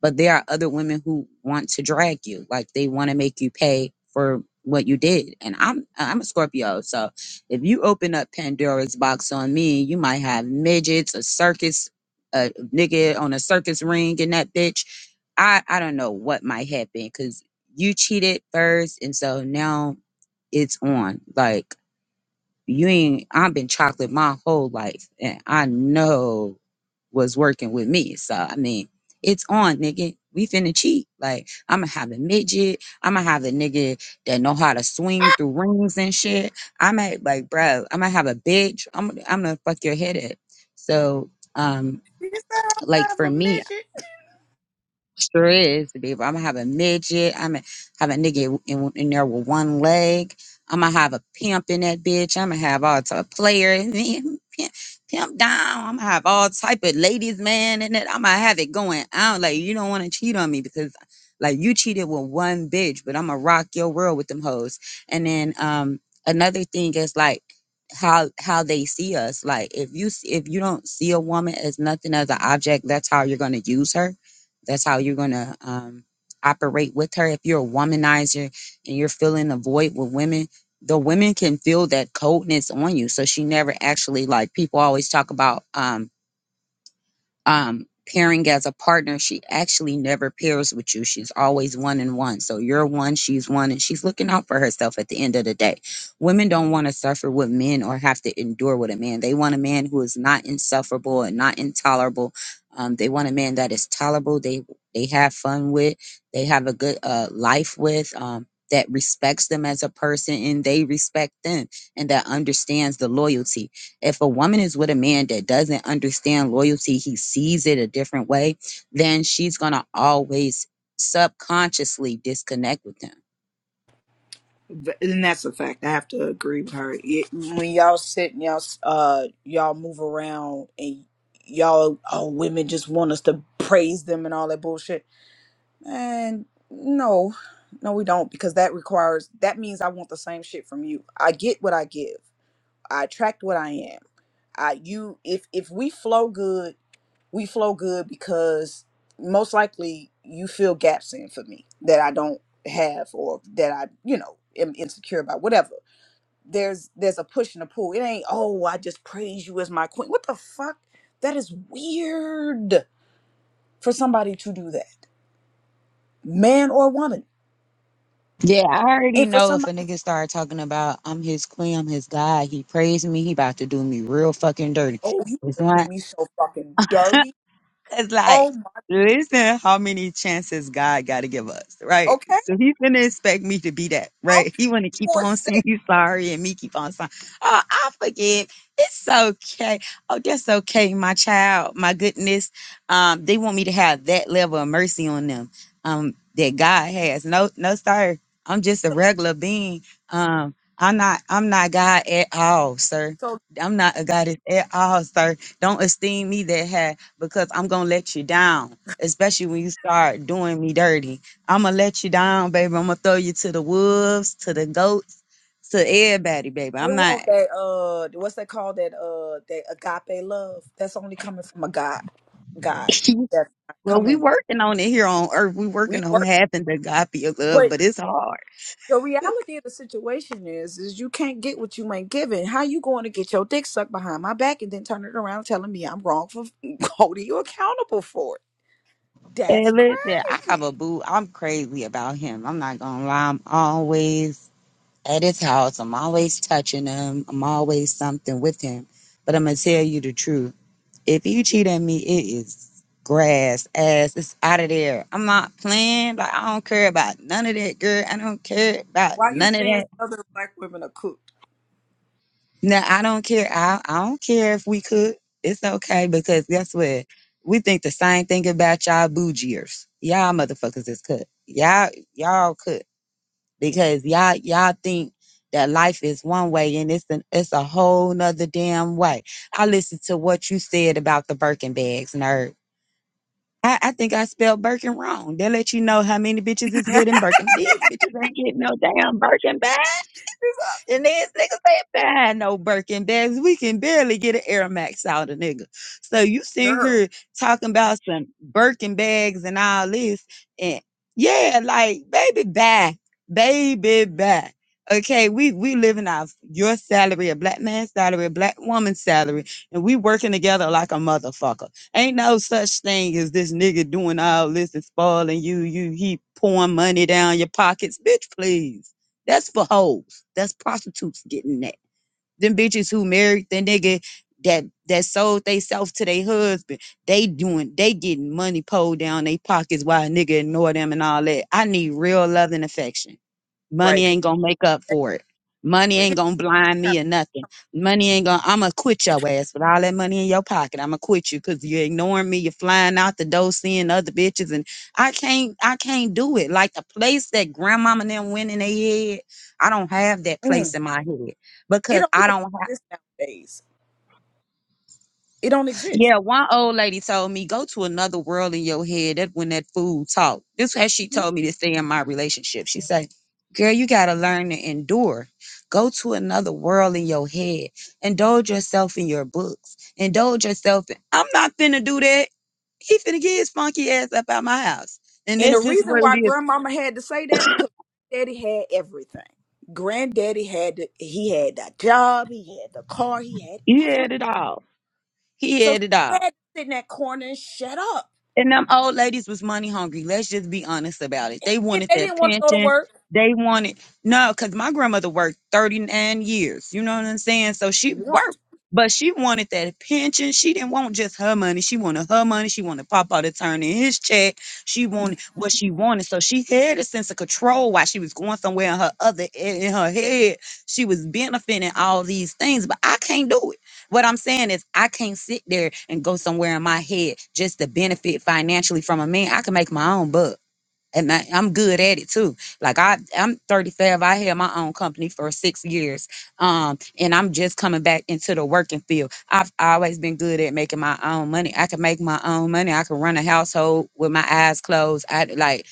S4: but there are other women who want to drag you like they want to make you pay for what you did and i'm i'm a scorpio so if you open up pandora's box on me you might have midgets a circus a nigga on a circus ring in that bitch i i don't know what might happen because you cheated first and so now it's on like you ain't i've been chocolate my whole life and i know was working with me. So I mean, it's on, nigga. We finna cheat. Like I'ma have a midget. I'ma have a nigga that know how to swing through rings and shit. I might like, bro. I'ma have a bitch. I'm I'm gonna fuck your head up. So um,
S1: You said I
S4: like
S1: have
S4: for
S1: a
S4: me,
S1: midget.
S4: Sure is, baby. I'm gonna have a midget. I'm gonna have a nigga in, in there with one leg. I'm gonna have a pimp in that bitch. I'm gonna have all type of player in there, (laughs) pimp, pimp down. I'm gonna have all type of ladies man in it. I'm gonna have it going out. Like you don't want to cheat on me because like you cheated with one bitch, but I'm gonna rock your world with them hoes. And then um another thing is like how how they see us like if you s- if you don't see a woman as nothing as an object that's how you're going to use her that's how you're gonna um, operate with her. If you're a womanizer and you're filling a void with women, the women can feel that coldness on you. So she never actually like people always talk about. um, um, pairing as a partner, she actually never pairs with you. She's always one and one. So you're one, she's one, and she's looking out for herself at the end of the day. Women don't want to suffer with men or have to endure with a man. They want a man who is not insufferable and not intolerable. Um, they want a man that is tolerable. They they have fun with. They have a good uh, life with. Um, that respects them as a person and they respect them and that understands the loyalty if a woman is with a man that doesn't understand loyalty, he sees it a different way, then she's going to always subconsciously disconnect with him.
S1: and that's a fact. I have to agree with her. Y- when y'all sit and y'all uh y'all move around and y'all oh women just want us to praise them and all that bullshit and no no we don't because that requires that means i want the same shit from you i get what i give i attract what i am i you if if we flow good we flow good because most likely you fill gaps in for me that i don't have or that i you know am insecure about whatever there's there's a push and a pull. It ain't oh I just praise you as my queen. What the fuck? That is weird for somebody to do that, man or woman,
S4: Yeah, I already
S1: and for
S4: know if a
S1: somebody
S4: nigga start talking about I'm his queen, I'm his guy, he praised me, he about to do me real fucking dirty.
S1: oh you
S4: It's
S1: gonna do
S4: not.
S1: me so fucking
S4: (laughs)
S1: dirty.
S4: It's like,
S1: Oh my,
S4: listen, how many chances God got to give us, right?
S1: okay,
S4: So He's gonna expect me to be that, right?
S1: okay,
S4: He wanna keep
S1: for
S4: on (laughs) saying
S1: sake.
S4: he's sorry and me keep on saying, oh, I forgive. It's okay. Oh, that's okay, my child. My goodness, um, they want me to have that level of mercy on them, um, that God has. No, no, sir. I'm just a regular being. Um, I'm not. I'm not God at all, sir.
S1: So
S4: I'm not a goddess at all, sir. Don't esteem me that high because I'm gonna let you down, especially when you start doing me dirty. I'm gonna let you down, baby. I'm gonna throw you to the wolves, to the goats, to everybody, baby.
S1: they
S4: I'm not.
S1: want that uh what's that called that uh that agape love that's only coming from a god, God
S4: (laughs)
S1: that's not
S4: well, we
S1: coming.
S4: working on it here on earth. We
S1: We
S4: working on
S1: work,
S4: having the agape love,
S1: but
S4: but it's hard.
S1: The reality of the situation is, is you can't get what you ain't given. How you going to get your dick sucked behind my back and then turn it around telling me I'm wrong for (laughs) holding you accountable for it? That's
S4: And listen, I have
S1: crazy.
S4: a boo. I'm crazy about him. I'm not gonna lie. I'm always at his house. I'm always touching him. I'm always something with him. But I'm gonna tell you the truth. If you cheat on me, it is grass, ass. It's out of there. I'm not playing. Like I don't care about none of that, girl. I don't care about
S1: Why you
S4: none of
S1: saying
S4: that.
S1: Southern black women are cooked?
S4: No, I don't care. I I don't care if we could. It's okay because guess what? We think the same thing about y'all bougiers. Y'all motherfuckers is cut. Y'all y'all cut because y'all y'all think that life is one way and it's an it's a whole nother damn way. I listened to what you said about the Birkin bags, nerd. I, I think I spelled Birkin wrong. They let you know how many bitches is getting Birkin. These bitches ain't getting no damn Birkin bag.
S1: It's
S4: And these niggas ain't behind no Birkin bags. We can barely get an Air Max out of nigga. So you
S1: a
S4: sitting
S1: girl,
S4: here talking about some Birkin bags and all this. And yeah, like baby bye. Baby bye. Okay, we we living off your salary, a black man's salary, a black woman's salary, and we working together like a motherfucker. Ain't no such thing as this nigga doing all this and spoiling you. You he pouring money down your pockets, bitch. Please. That's for hoes. That's prostitutes getting that. Them bitches who married the nigga that that sold they self to their husband, they doing they getting money pulled down they pockets while a nigga ignore them and all that. I need real love and affection.
S1: right?
S4: Money
S1: Because
S4: ain't gonna make up for it. Money ain't
S1: it,
S4: gonna blind me or nothing. Money ain't gonna. I'ma quit your ass with all that money in your pocket. I'ma quit you because you're ignoring me. You're flying out the door, seeing other bitches, and I can't. I can't do it. Like the place that grandmama and them went in their head. I don't have that
S1: mm,
S4: place in my head
S1: it
S4: because
S1: don't
S4: I
S1: even
S4: don't have.
S1: exist nowadays. It don't exist.
S4: Yeah, one old lady told me, go to another world in your head. That when that fool talk. This how she
S1: Mhm.
S4: told me to stay in my relationship. She say, Girl, you gotta learn to endure. Go to another world in your head. Indulge yourself in your books. Indulge yourself in I'm not finna do that. He finna get his funky ass up out my house. And
S1: And the
S4: this this is
S1: reason
S4: what
S1: why
S4: it is.
S1: grandmama had to say that because daddy had everything. Granddaddy had the, he had the job, he had the car, he had
S4: He
S1: everything
S4: had it all. He
S1: So she
S4: had it all.
S1: had to sit in that corner and shut up.
S4: And them old ladies was money hungry. Let's just be honest about it. They
S1: If
S4: wanted
S1: they
S4: that
S1: didn't want to go to
S4: pension.
S1: work.
S4: They wanted no, because my grandmother worked 39 years. You know what I'm saying? So she
S1: Want.
S4: worked, but she wanted that pension. She didn't want just her money. She wanted her money. She wanted Papa to turn in his check. She wanted what she wanted. So she had a sense of control while she was going somewhere in her other in her head. She was benefiting all these things, but I can't do it. What I'm saying is, I can't sit there and go somewhere in my head just to benefit financially from a man. I can make my own buck. And I, I'm good at it too. Like I, I'm 35. I had my own company for six years, um, and I'm just coming back into the working field. I've always been good at making my own money. I can make my own money. I can run a household with my eyes closed. I like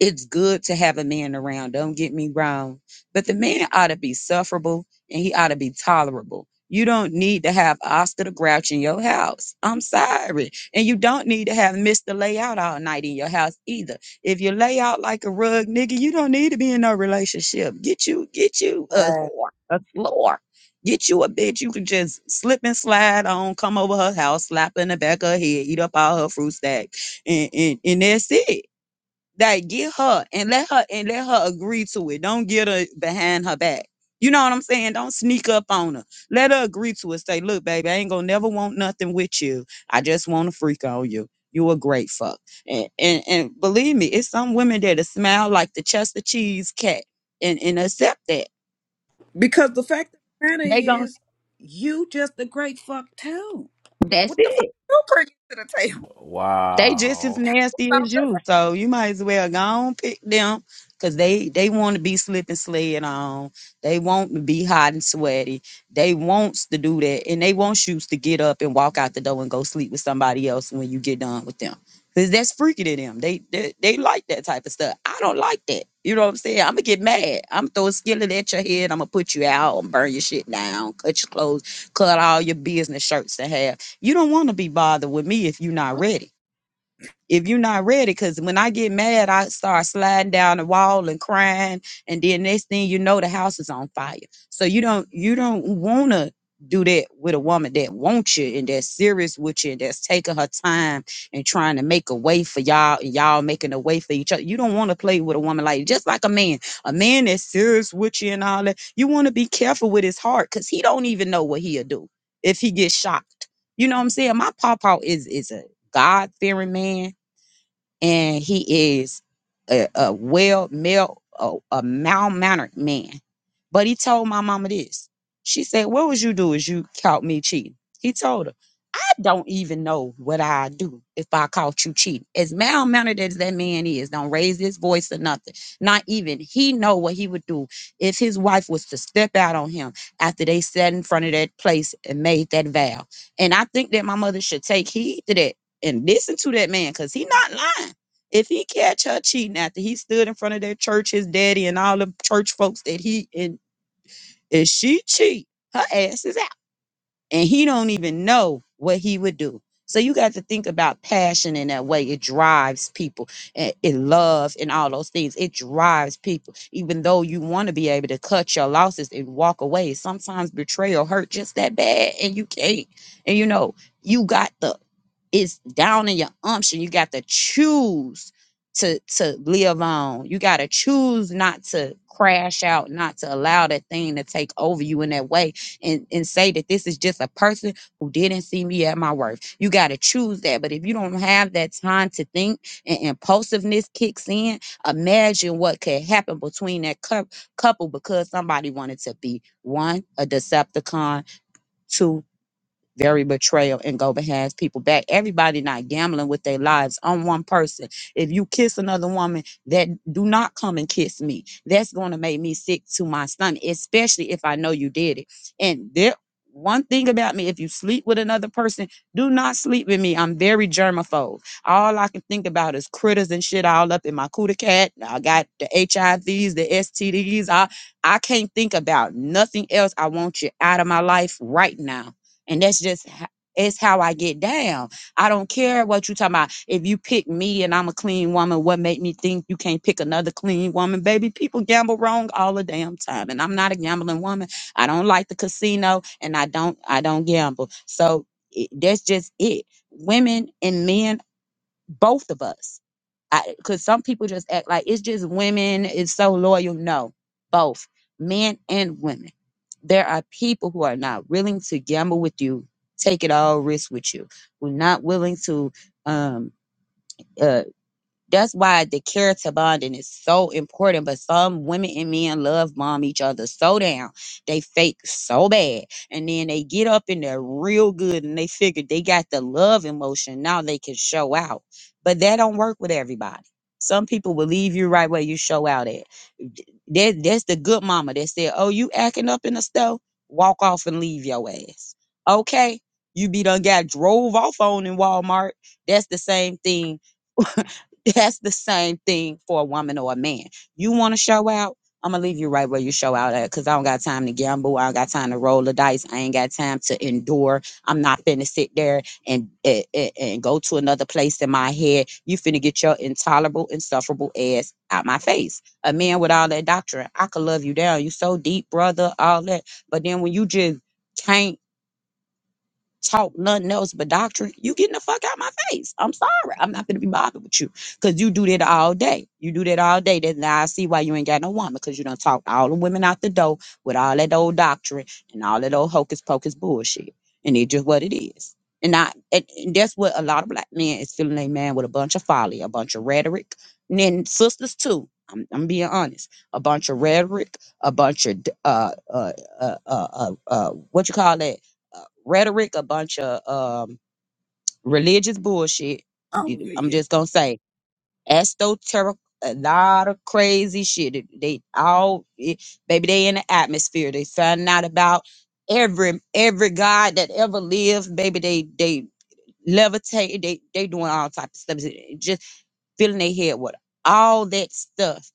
S4: it's good to have a man around. Don't get me wrong. But the man ought to be sufferable and he ought to be tolerable. You don't need to have Oscar the Grouch in your house. I'm sorry. And you don't need to have Mr. Layout all night in your house either. If you lay out like a rug nigga, you don't need to be in no relationship. Get you, get you a
S1: Right.
S4: whore, a floor. Get you a bitch you can just slip and slide on, come over her house, slap her in the back of her head, eat up all her fruit stack, and, and, and that's it like get her and let her and let her agree to it. Don't get her behind her back. You know what I'm saying? Don't sneak up on her. Let her agree to it. Say, look, baby, I ain't gonna never want nothing with you. I just want to freak on you. You a great fuck. And, and and believe me, it's some women that smile like the Chester cheese cat and, and accept that.
S1: Because the fact of the matter
S4: They gonna
S1: is, you just a great fuck too.
S4: That's that's
S1: What the
S4: it.
S1: fuck you bringing to the table
S4: They just as
S2: Wow.
S1: (laughs)
S4: nasty
S1: about
S4: as
S1: this?
S4: you, so you might as well go on pick them, cause they they want to be slipping sled on. They want to be hot and sweaty. They wants to do that, and they want you to get up and walk out the door and go sleep with somebody else when you get done with them, cause that's freaky to them. They they, they like that type of stuff. I don't like that. You know what I'm saying? I'm gonna get mad. I'm gonna throw a skillet at your head. I'm gonna put you out and burn your shit down, cut your clothes, cut all your business shirts to have. You don't want to be bothered with me if you're not ready if you're not ready, because when I get mad, I start sliding down the wall and crying, and then next thing you know, the house is on fire. So you don't you don't want to do that with a woman that wants you and that's serious with you and that's taking her time and trying to make a way for y'all and y'all making a way for each other. You don't want to play with a woman like just like a man, a man that's serious with you and all that. You want to be careful with his heart because he don't even know what he'll do if he gets shocked. You know what I'm saying? My pawpaw is is a God fearing man and he is a, a well male a, a mannered man but he told my mama this she said what would you do if you caught me cheating he told her i don't even know what i do if i caught you cheating as well-mannered as that man is don't raise his voice or nothing not even he know what he would do if his wife was to step out on him after they sat in front of that place and made that vow and i think that my mother should take heed to that and listen to that man because he not lying if he catch her cheating after he stood in front of that church, his daddy and all the church folks that he and if she cheat, her ass is out. And he don't even know what he would do. So you got to think about passion in that way. It drives people. and It love and all those things. It drives people. Even though you want to be able to cut your losses and walk away. Sometimes betrayal hurt just that bad and you can't. And you know, you got the it's down in your umption. You got to choose to to live on. You got to choose not to crash out, not to allow that thing to take over you in that way, and and say that this is just a person who didn't see me at my worth. You got to choose that. But if you don't have that time to think and impulsiveness kicks in, imagine what could happen between that cou- couple because somebody wanted to be one a Decepticon, Two very betrayal and go behind people back. Everybody not gambling with their lives on one person. If you kiss another woman, that do not come and kiss me. That's going to make me sick to my stomach, especially if I know you did it. And there, one thing about me, if you sleep with another person, do not sleep with me. I'm very germaphobe. All I can think about is critters and shit all up in my cooter cat. I got the HIVs, the STDs. I, I can't think about nothing else. I want you out of my life right now and that's just ho- it's how I get down. I don't care what you talking about. If you pick me and I'm a clean woman, what make me think you can't pick another clean woman? Baby, people gamble wrong all the damn time. And I'm not a gambling woman. I don't like the casino and I don't I don't gamble. So it, that's just it. Women and men, both of us because some people just act like it's just women is so loyal. No, both men and women. There are people who are not willing to gamble with you, take it all risk with you, who are not willing to um, uh, that's why the character bonding is so important. But some women and men love bomb each other so down. They fake so bad. And then they get up in there real good and they figure they got the love emotion. Now they can show out. But that don't work with everybody. Some people will leave you right where you show out at. D- That, that's the good mama that said, Oh, you acting up in the store? Walk off and leave your ass. Okay. You be done got drove off on in Walmart. That's the same thing (laughs) That's the same thing for a woman or a man. You want to show out? I'm gonna leave you right where you show out at because I don't got time to gamble. I don't got time to roll the dice. I ain't got time to endure. I'm not finna sit there and, and, and go to another place in my head. You finna get your intolerable, insufferable ass out my face. A man with all that doctrine, I could love you down. You so deep, brother, all that. But then when you just can't talk nothing else but doctrine, you getting the fuck out my face. I'm sorry. I'm not gonna be bothered with you. Cause you do that all day. You do that all day. Then now I see why you ain't got no woman, because you done talked all the women out the door with all that old doctrine and all that old hocus pocus bullshit. And it's just what it is. And I and, and that's what a lot of black men is feeling they man with a bunch of folly, a bunch of rhetoric. And then sisters too. I'm, I'm being honest. A bunch of rhetoric, a bunch of d- uh uh uh uh, uh, uh what you call that? Uh, rhetoric, a bunch of um, religious bullshit.
S1: Oh
S4: You- I'm
S1: yeah,
S4: just gonna say esoteric, a lot of crazy shit. They they all, it, baby, they in the atmosphere. They find out about every every god that ever lived. Baby, they they levitate. They they doing all type of stuff. It- it Just filling their head with all that stuff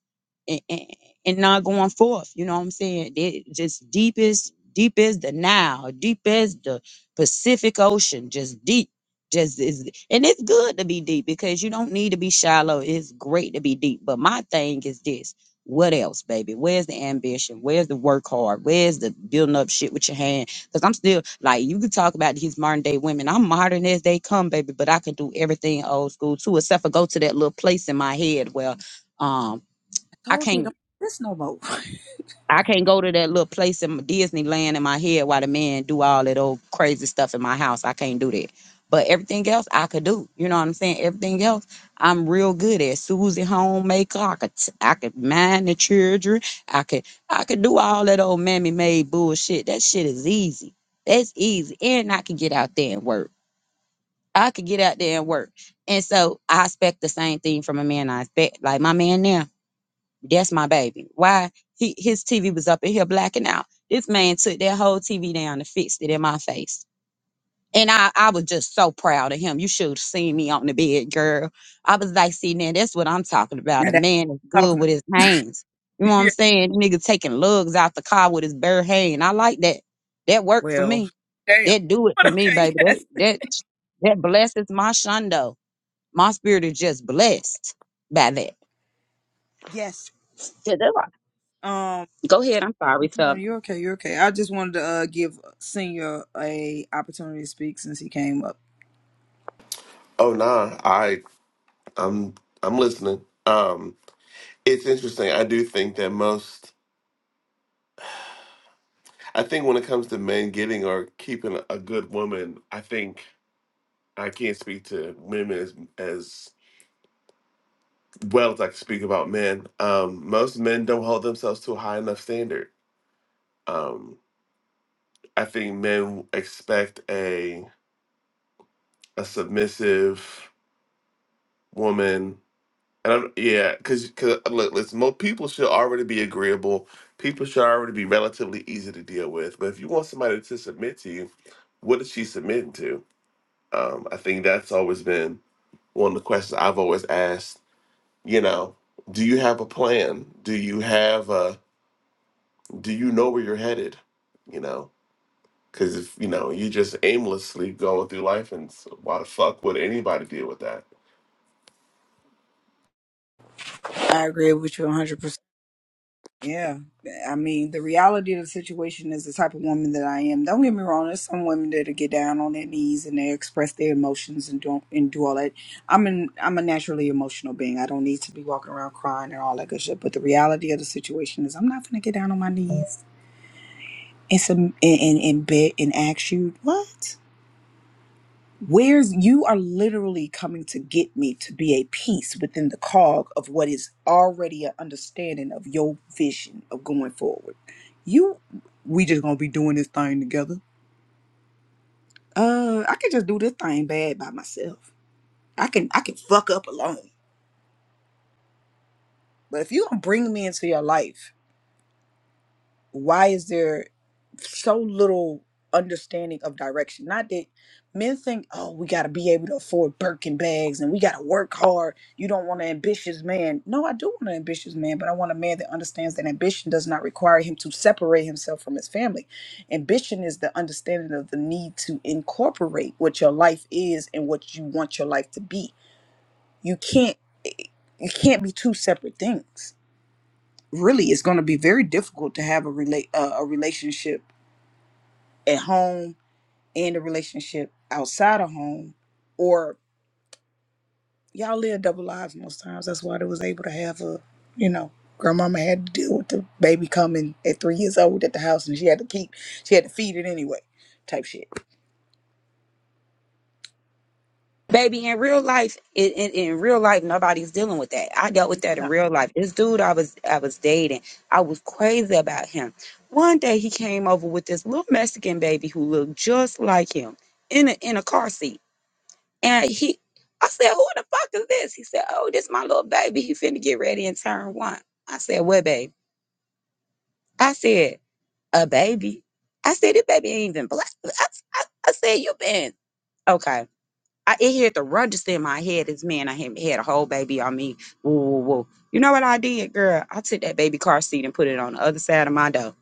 S4: and, and, and not going forth. You know what I'm saying? It just deep as deep as the Nile, deep as the Pacific Ocean, just deep. Just is and it's good to be deep because you don't need to be shallow. It's great to be deep. But my thing is this. What else, baby? Where's the ambition? Where's the work hard? Where's the building up shit with your hands? Cause I'm still like you can talk about these modern day women. I'm modern as they come, baby, but I can do everything old school too, except for go to that little place in my head where um
S1: I
S4: I
S1: told you
S4: can't
S1: don't do this no more. (laughs)
S4: I can't go to that little place in Disneyland in my head while the man do all that old crazy stuff in my house. I can't do that. But everything else I could do. You know what I'm saying? Everything else I'm real good at. Susie homemaker. I could t- I could mind the children. I could I could do all that old mammy made bullshit. That shit is easy. That's easy. And I could get out there and work. I could get out there and work. And so I expect the same thing from a man. I expect like my man now. That's my baby. Why he his TV was up in here blacking out. This man took that whole TV down and fixed it in my face. And I, I was just so proud of him. You should have seen me on the bed, girl. I was like, see, now that's what I'm talking about.
S1: now
S4: A
S1: that's
S4: man is
S1: what I'm
S4: good
S1: talking about.
S4: with his hands. You know
S1: (laughs)
S4: what I'm saying? Nigga taking lugs out the car with his bare hand. I like that. That worked for
S1: Well,
S4: me.
S1: damn. (laughs)
S4: That do it for
S1: But
S4: me,
S1: okay,
S4: baby. That
S1: yes.
S4: that that blesses my shundo. My spirit is just blessed by that.
S1: Yes.
S4: Yeah, that's all.
S1: Um
S4: Go ahead. I'm
S1: no,
S4: sorry,
S1: no,
S4: Sub.
S1: you're okay, you're okay. I just wanted to uh give uh, Senior a opportunity to speak since he came up.
S5: Oh nah, I I'm I'm listening. Um, it's interesting. I do think that most. I think when it comes to men getting or keeping a good woman, I think I can't speak to women as as well as I can speak about men. Um, most men don't hold themselves to a high enough standard. Um, I think men expect a a submissive woman And I'm, yeah, because because look, listen, most people should already be agreeable. People should already be relatively easy to deal with. But if you want somebody to submit to you, what is she submitting to? Um, I think that's always been one of the questions I've always asked. You know, do you have a plan? Do you have a? Do you know where you're headed? You know, because if you know you just aimlessly going through life, and s- why the fuck would anybody deal with that?
S1: I agree with you 100%. Yeah. I mean, the reality of the situation is the type of woman that I am. Don't get me wrong, there's some women that get down on their knees and they express their emotions and don't and do all that. I'm an I'm a naturally emotional being. I don't need to be walking around crying and all that good shit. But the reality of the situation is I'm not gonna get down on my knees. It's a, and, and, and beg and ask you, what? Where's you are literally coming to get me to be a piece within the cog of what is already an understanding of your vision of going forward. You, we just gonna be doing this thing together. Uh, I can just do this thing bad by myself. I can I can fuck up alone. But if you don't bring me into your life, why is there? so little understanding of direction. Not that men think, oh, we got to be able to afford Birkin bags and we got to work hard. You don't want an ambitious man. No, I do want an ambitious man, but I want a man that understands that ambition does not require him to separate himself from his family. Ambition is the understanding of the need to incorporate what your life is and what you want your life to be. You can't eh, you can't be two separate things. Really, it's going to be very difficult to have a relate uh, a relationship at home and a relationship outside of home or y'all live double lives most times that's why they was able to have a you know grandmama had to deal with the baby coming at three years old at the house and she had to keep she had to feed it anyway type shit
S4: Baby, in real life, in, in, in real life, nobody's dealing with that. I dealt with that in
S1: Nah,
S4: real life. This dude I was I was dating, I was crazy about him. One day he came over with this little Mexican baby who looked just like him in a in a car seat. And he I said, Who the fuck is this? He said, Oh, this my little baby. He finna get ready and turn one. I said, What baby? I said, A baby. I said, This baby ain't even black. I, I, I said, You been okay. I, it had to register in my head as man, I had, had a whole baby on me. Woo, woo, woo. You know what I did, girl? I took that baby car seat and put it on the other side of my door.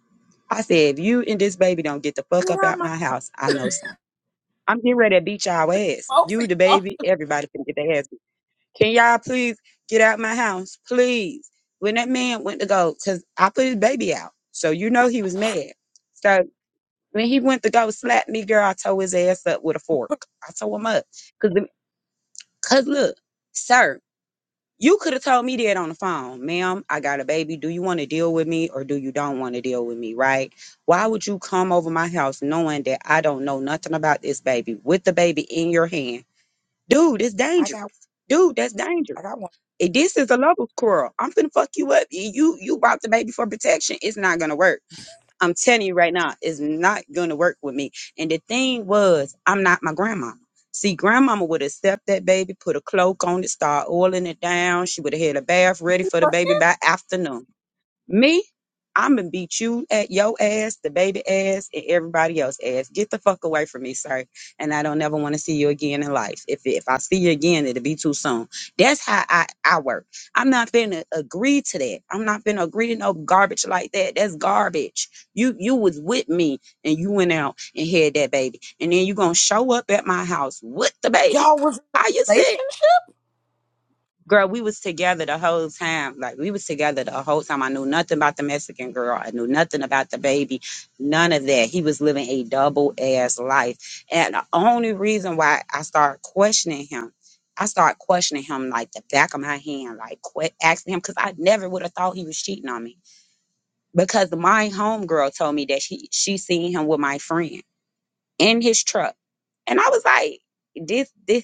S4: I said, if you and this baby don't get the
S1: get
S4: fuck up
S1: out
S4: out
S1: my
S4: my house, I know something. I'm getting ready to beat y'all ass.
S1: both of
S4: You, the
S1: y'all
S4: baby, everybody can get their ass. beat. Can y'all please get out my house? Please. When that man went to go, because I put his baby out. So you know he was mad. So when he went to go slap me, girl, I tore his ass up with a fork. I tore him up. cause. Cause look, sir, you could have told me that on the phone, ma'am. I got a baby. Do you want to deal with me or do you don't want to deal with me? Right? Why would you come over my house knowing that I don't know nothing about this baby with the baby in your hand? Dude, it's
S1: i got
S4: dangerous. Dude, that's dangerous.
S1: i got one
S4: If this is a love quarrel, I'm finna fuck you up. You you you brought the baby for protection. It's not gonna work. I'm telling you right now, it's not going to work with me. And the thing was, I'm not my grandmama. See, grandmama would accept that baby, put a cloak on it, start oiling it down. She would have had a bath ready for the baby by afternoon. Me, I'm gonna beat you at your ass, the baby ass, and everybody else ass. Get the fuck away from me, sir. And I don't never want to see you again in life. If if I see you again, it'll be too soon. That's how I I work. I'm not finna agree to that. I'm not finna agree to no garbage like that. That's garbage. You you was with me and you went out and had that baby, and then you gonna show up at my house with the baby.
S1: y'all was in a
S4: Are you serious?
S1: relationship
S4: girl, we was together the whole time. Like we was together the whole time. I knew nothing about the Mexican girl. I knew nothing about the baby. None of that. He was living a double ass life. And the only reason why I started questioning him, I started questioning him like the back of my hand, like quit asking him because I never would have thought he was cheating on me. Because my homegirl told me that she she seen him with my friend in his truck. And I was like, this this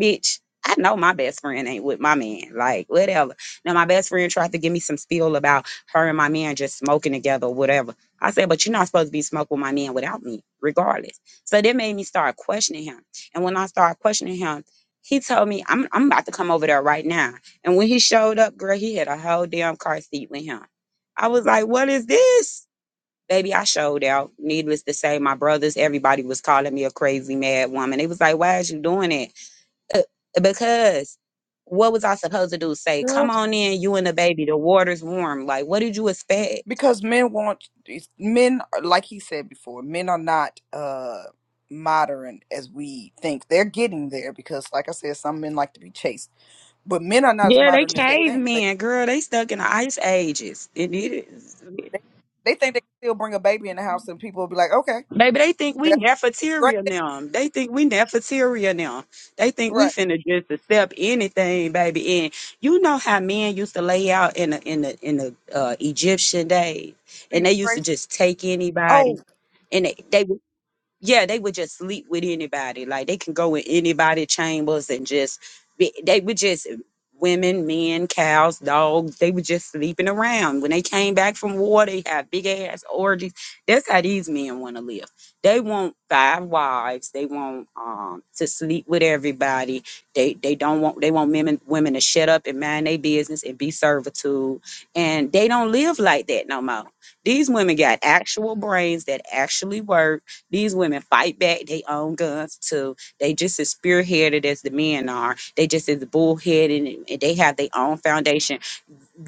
S4: bitch, I know my best friend ain't with my man. Like, whatever. Now, my best friend tried to give me some spiel about her and my man just smoking together, or whatever. I said, but you're not supposed to be smoking with my man without me, regardless. So that made me start questioning him. And when I started questioning him, he told me, I'm, I'm about to come over there right now. And when he showed up, girl, he had a whole damn car seat with him. I was like, what is this? Baby, I showed out. Needless to say, my brothers, everybody was calling me a crazy mad woman. They was like, why is you doing that? Uh, because what was I supposed to do? Say, come on in, you and the baby. The water's warm. Like, what did you expect?
S1: because men want men like he said before men are not uh modern as we think they're getting there because like i said some men like to be chased but men are not as
S4: Yeah, they
S1: modern as they think they
S4: cavemen, girl. They stuck in the ice ages. It is.
S1: they, they think they can still bring a baby in the house and people will be like okay
S4: Baby, they think we
S1: that's great
S4: Nefertaria now. They think we Nefertaria now. They think we
S1: right
S4: finna just accept anything, baby. And you know how men used to lay out in the in the in the uh, Egyptian days,
S1: See,
S4: and they used to
S1: great.
S4: just take anybody,
S1: oh
S4: and they, they yeah, they would just sleep with anybody. Like they can go in anybody chambers and just be, they would just women, men, cows, dogs, they were just sleeping around. When they came back from war, they had big ass orgies. That's how these men want to live. They want five wives. They want um to sleep with everybody. They they don't want they want women women to shut up and mind their business and be servitude. And they don't live like that no more. These women got actual brains that actually work these women fight back. They own guns too. They just as spearheaded as the men are. They just as bullheaded and and they have their own foundation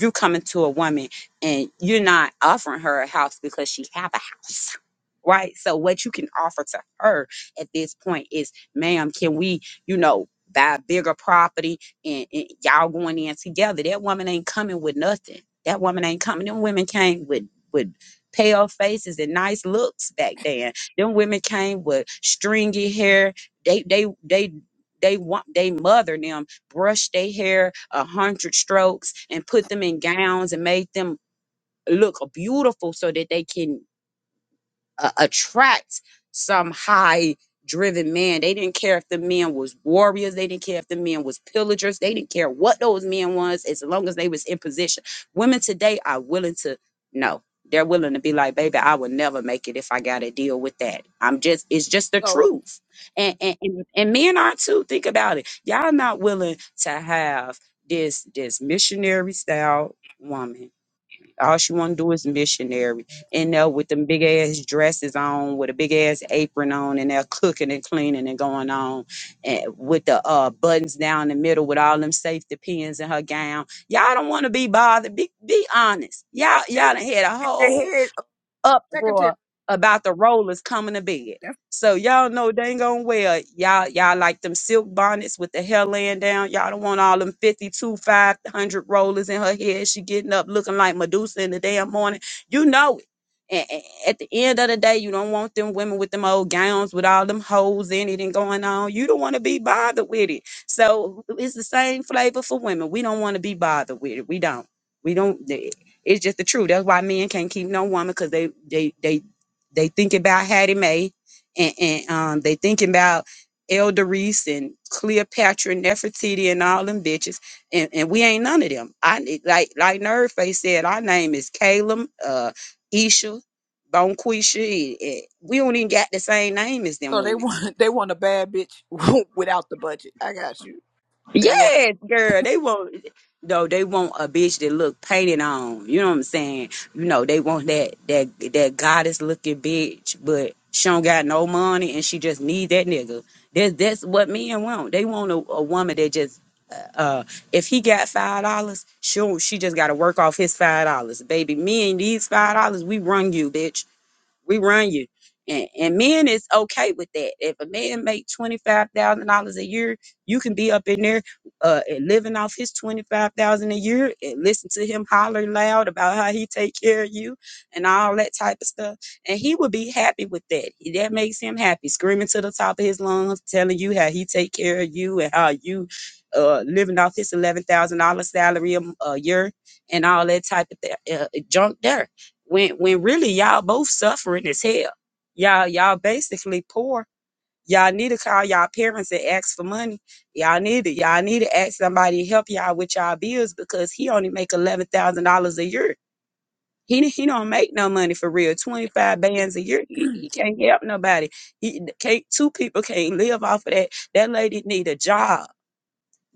S4: you coming to a woman and you're not offering her a house because she have a house (laughs) right so what you can offer to her at this point is ma'am can we you know buy a bigger property and, and y'all going in together that woman ain't coming with nothing that woman ain't coming them women came with with pale faces and nice looks back then them women came with stringy hair they they they they want they mother them brushed their hair a hundred strokes and put them in gowns and made them look beautiful so that they can uh, attract some high driven man. They didn't care if the men was warriors. They didn't care if the men was pillagers. They didn't care what those men was as long as they was in position. Women today are willing to no. They're willing to be like, baby, I would never make it if I got to deal with that. I'm just, it's just the
S1: so
S4: truth. And, and and and men are too. Think about it. Y'all not willing to have this this missionary style woman all she want to do is missionary. And there with them big ass dresses on, with a big ass apron on, and they're cooking and cleaning and going on, and with the uh, buttons down the middle, with all them safety pins in her gown. Y'all don't want to be bothered. Be be honest. Y'all
S1: that's
S4: y'all done had a
S1: in their
S4: whole
S1: head of secretary
S4: uproar about the rollers coming to bed.
S1: That's-
S4: So y'all know dang to well, y'all y'all like them silk bonnets with the hair laying down. Y'all don't want all them 52, 500 rollers in her head. She getting up looking like Medusa in the damn morning. You know it. and at the end of the day, you don't want them women with them old gowns with all them holes in it and going on. You don't want to be bothered with it. So it's the same flavor for women. We don't want to be bothered with it. We don't. We don't. eh, it's just the truth. That's why men can't keep no woman because they they they they think about Hattie Mae and, and um they thinking about Elder Reese and Cleopatra and Nefertiti and all them bitches. And and we ain't none of them. I need- like like Nerdface said, our name is Caleb, uh Isha, Bonquisha. eh, eh, We don't even got the same name as them
S1: so they
S4: women.
S1: want (laughs) they want a bad bitch (laughs) without the budget i got you they want
S4: Yes, girl. They want no, they want a bitch that look painted on. You know what I'm saying? You know, they want that that that goddess looking bitch, but she don't got no money and she just need that nigga. That's that's what men want. They want a, a woman that just uh uh, if he got five dollars, she she just gotta work off his five dollars. Baby, me and these five dollars, we run you, bitch we run you. And, and men is okay with that. If a man make twenty five thousand dollars a year, you can be up in there uh, and living off his twenty five thousand a year and listen to him holler loud about how he take care of you and all that type of stuff. And he would be happy with that. That makes him happy, screaming to the top of his lungs, telling you how he take care of you and how you uh, living off his eleven thousand dollar salary a, m- a year and all that type of th- uh, junk there when when really y'all both suffering as hell. Y'all y'all basically poor. Y'all need to call y'all parents and ask for money. Y'all need to y'all need to ask somebody to help y'all with y'all bills because he only make eleven thousand dollars a year. He he don't make no money for real. Twenty five bands a year. He, he can't help nobody. He can't. Two people can't live off of that. That lady need a job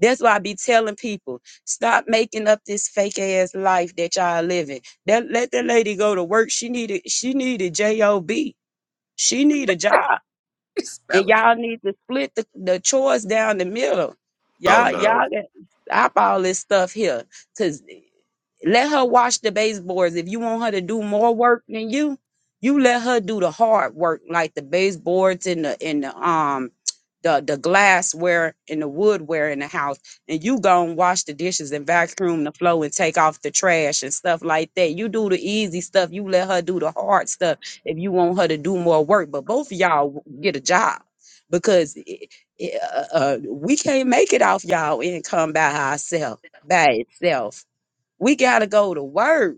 S4: that's why I be telling people, stop making up this fake ass life that y'all living. That let that lady go to work. She needed she needed job. She need a job
S1: (laughs)
S4: and
S1: Spell
S4: y'all need to split the, the chores down the middle.
S5: Oh
S4: Y'all, y'all
S5: no,
S4: got to stop all this stuff here. Cause let her wash the baseboards. If you want her to do more work than you, you let her do the hard work, like the baseboards and the and the um the the glassware and the woodware in the house, and you go and wash the dishes and vacuum the floor and take off the trash and stuff like that. You do the easy stuff. You let her do the hard stuff if you want her to do more work. But both of y'all w- get a job because it, it, uh, uh, we can't make it off y'all income by ourselves, by itself. We gotta go to work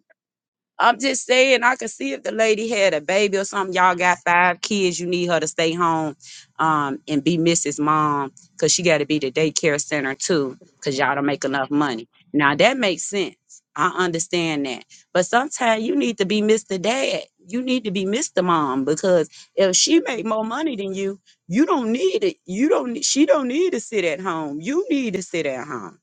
S4: I'm just saying, I could see if the lady had a baby or something. Y'all got five kids. You need her to stay home um, and be Mrs. Mom because she got to be the daycare center too because y'all don't make enough money. Now, that makes sense. I understand that. But sometimes you need to be Mr. Dad. You need to be Mr. Mom because if she make more money than you, you don't need it. You don't. She don't need to sit at home. You need to sit at home.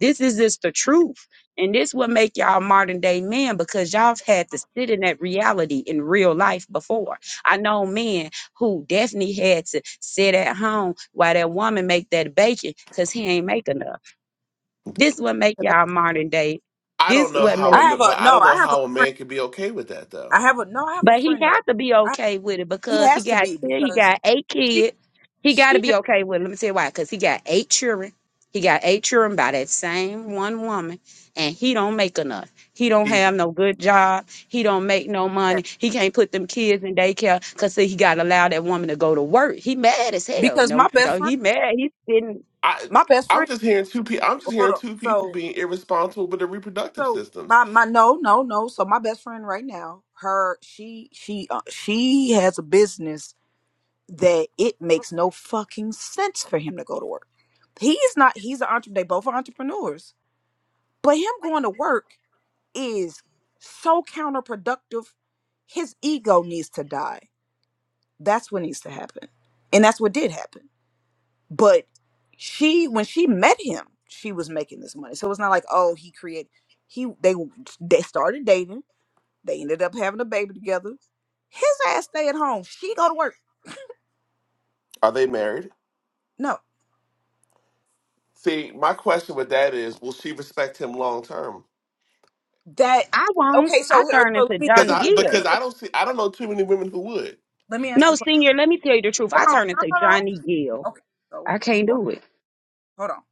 S4: This is just the truth. And this will make y'all modern day men because y'all have had to sit in that reality in real life before. I know men who definitely had to sit at home while that woman make that bacon because he ain't make enough. This will make
S1: 'Cause I
S4: y'all modern day.
S5: I
S4: This
S5: don't know
S4: what
S5: how
S1: I
S5: a ma-
S1: have a
S5: but I
S1: no.
S5: don't
S1: I
S5: know
S1: have a
S5: how a
S1: friend.
S5: man could be okay with that though
S1: I have a no. I have a
S4: But he
S1: friend right.
S4: got to be
S1: now. I,
S4: okay with it
S1: he
S4: because he
S1: has to
S4: got
S1: be
S4: ten, he
S1: because
S4: got eight kids. He got to be okay with it. Let me tell you why. Because he got eight children. He got eight children by that same one woman, and he don't make enough. He don't
S5: He's
S4: have no good job. He don't make no money.
S1: Exactly,
S4: He can't put them kids in daycare because he got to allow that woman to go to work. He mad as hell.
S1: because
S4: No,
S1: my best
S4: no,
S1: friend,
S4: he mad. He's sitting.
S5: I.
S1: my best
S5: I'm
S1: friend.
S5: just hearing two people. I'm just
S1: Hold
S5: hearing
S1: on.
S5: two people
S1: So
S5: being irresponsible with their reproductive
S1: So
S5: systems.
S1: my my no no no. So my best friend right now, her she she uh, she has a business that it makes no fucking sense for him to go to work. He's not. He's an entrepreneur. They both are entrepreneurs, but him going to work is so counterproductive. His ego needs to die. That's what needs to happen, and that's what did happen. But she, when she met him, she was making this money. So it's not like oh he created. He they they started dating They ended up having a baby together. His ass stay at home. She go to work.
S5: Are they married?
S1: No,
S5: See, my question with that is, will she respect him long term?
S1: that
S4: I won't.
S1: okay.
S4: I
S1: So, here-
S4: turn
S1: so
S4: into
S1: let me let
S5: Because
S4: Johnny
S1: me
S5: I
S1: let
S5: because
S4: Gill.
S1: me
S5: I don't see I don't know too many women who would.
S1: let me answer
S4: No,
S1: the question.
S4: senior. Let me tell you the truth.
S1: Hold
S4: I
S1: on,
S4: turn
S1: no,
S4: into
S1: no, no.
S4: Johnny Gill.
S1: Okay, so
S4: I can't
S1: hold,
S4: do it.
S1: hold on.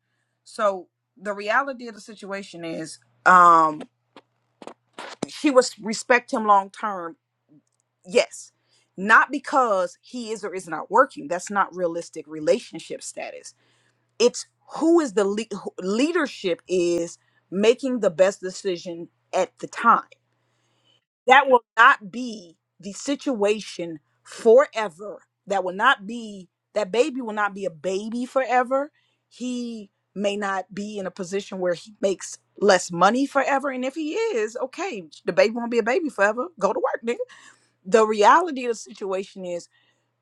S1: So the reality of the situation is, um, she was respect him long term. Yes, not because he is or is not working. That's not realistic relationship status it's who is the le- who- leadership is making the best decision at the time that will not be the situation forever that will not be that baby will not be a baby forever he may not be in a position where he makes less money forever and if he is okay the baby won't be a baby forever go to work nigga the reality of the situation is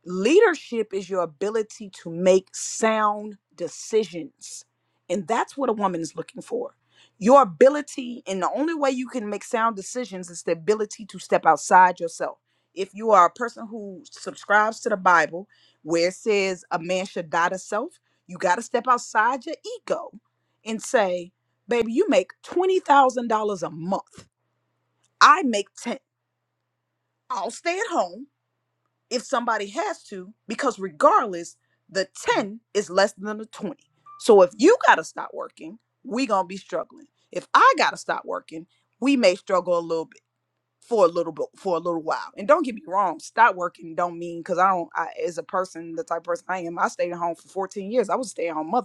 S1: leadership is your ability to make sound decisions and that's what a woman is looking for your ability and the only way you can make sound decisions is the ability to step outside yourself if you are a person who subscribes to the bible where it says a man should die to self you got to step outside your ego and say baby you make $20000 a month i make 10 i'll stay at home if somebody has to, because regardless, the 10 is less than the 20. So if you gotta stop working, we gonna be struggling. If I gotta stop working, we may struggle a little bit for a little bit for a little while. And don't get me wrong, stop working don't mean because I don't I as a person, the type of person I am, I stayed at home for 14 years. I was a stay-at-home mother.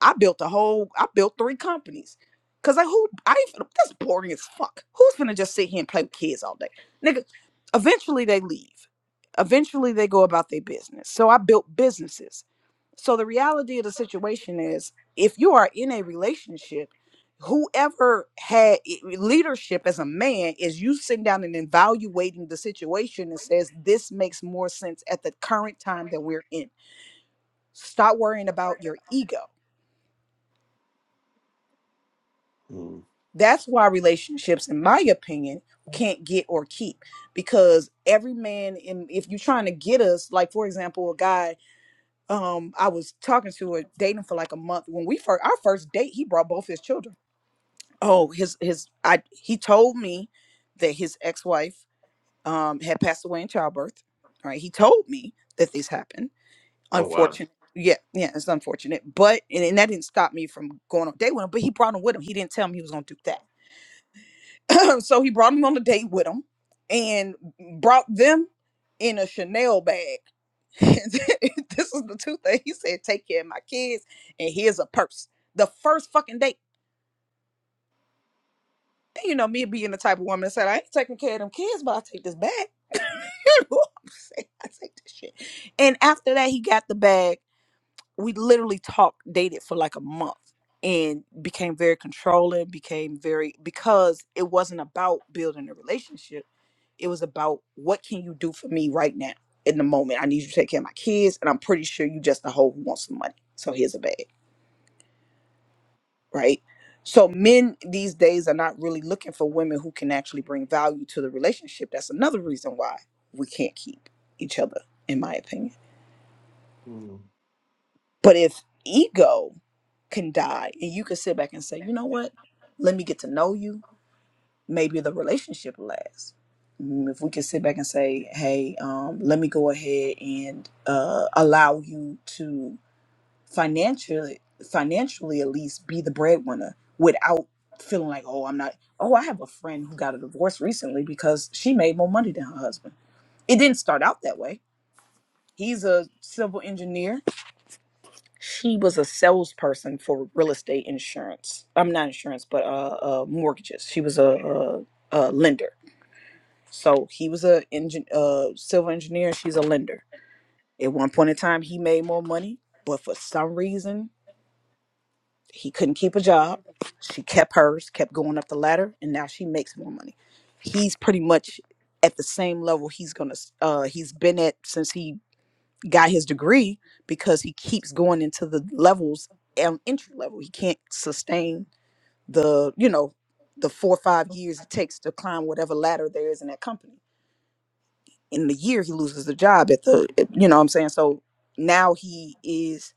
S1: I built a whole, I built three companies. Cause like who, I ain't, finna- that's boring as fuck. Who's gonna just sit here and play with kids all day? Nigga, eventually they leave. Eventually they go about their business. So I built businesses. So the reality of the situation is if you are in a relationship, whoever had i- leadership as a man is you sitting down and evaluating the situation and says this makes more sense at the current time that we're in. Stop worrying about your ego
S5: Hmm.
S1: That's why relationships, in my opinion, can't get or keep because every man in if you're trying to get us, like for example, a guy um I was talking to a dating for like a month. When we first our first date, he brought both his children. Oh, his his I he told me that his ex-wife um had passed away in childbirth. All right, He told me that this happened.
S5: Oh wow.
S1: Unfortunate. Yeah, yeah, it's unfortunate. But and, and that didn't stop me from going on a date with him, but he brought him with him. He didn't tell me he was gonna do that (clears throat) so he brought him on a date with him and brought them in a Chanel bag. (laughs) this is the two things he said: take care of my kids, and here's a purse. The first fucking date. And you know me being the type of woman that said I ain't taking care of them kids, but I will take this bag. (laughs) You know what I'm saying? I take this shit. And after that, he got the bag we literally talked dated for like a month and became very controlling became very because it wasn't about building a relationship it was about what can you do for me right now in the moment i need you to take care of my kids and i'm pretty sure you just a hoe who wants some money so here's a bag right so men these days are not really looking for women who can actually bring value to the relationship that's another reason why we can't keep each other in my opinion
S5: Hmm.
S1: But if ego can die and you can sit back and say, you know what? Let me get to know you. Maybe the relationship lasts. Mm, If we can sit back and say, hey, um, let me go ahead and uh, allow you to financially, financially at least be the breadwinner without feeling like, oh, I'm not. Oh, I have a friend who got a divorce recently because she made more money than her husband. It didn't start out that way. He's a civil engineer She was a salesperson for real estate insurance. I'm not insurance, but uh, uh mortgages. She was a, a, a lender. So he was a engine, uh, civil engineer. She's a lender. At one point in time, he made more money, but for some reason, he couldn't keep a job. She kept hers, kept going up the ladder, and now she makes more money. He's pretty much at the same level he's gonna. Uh, he's been at since he got his degree because he keeps going into the levels and entry level. He can't sustain the you know the four or five years it takes to climb whatever ladder there is in that company. In the year he loses the job at the at- you know what I'm saying so now he is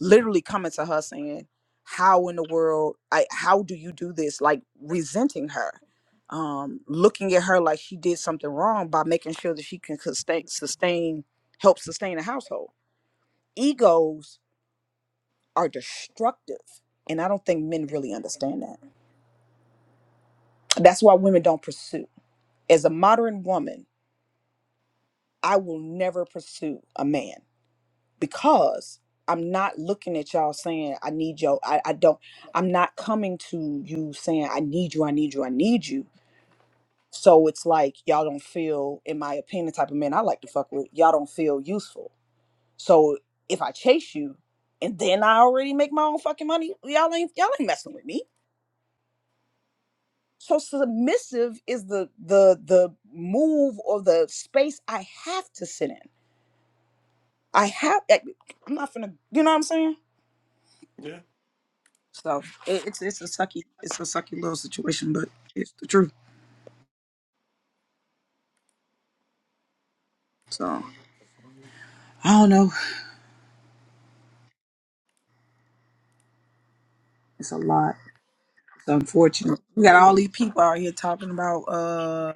S1: literally coming to her saying how in the world I how do you do this like resenting her um looking at her like she did something wrong by making sure that she can sustain sustain help sustain a household egos are destructive. And I don't think men really understand that. That's why women don't pursue. As a modern woman, I will never pursue a man because I'm not looking at y'all saying, I need yo. I, I don't, I'm not coming to you saying, I need you, I need you, I need you. So it's like y'all don't feel, in my opinion, the type of men I like to fuck with, y'all don't feel useful. So if I chase you and then I already make my own fucking money, y'all ain't y'all ain't messing with me So submissive is the the the move or the space I have to sit in. I have. I- I'm not gonna. You know what I'm saying?
S5: Yeah.
S1: So it, it's it's a sucky it's a sucky little situation, but it's the truth. So I don't know. It's a lot. It's unfortunate. We got
S5: Yeah.
S1: all these people out here talking about uh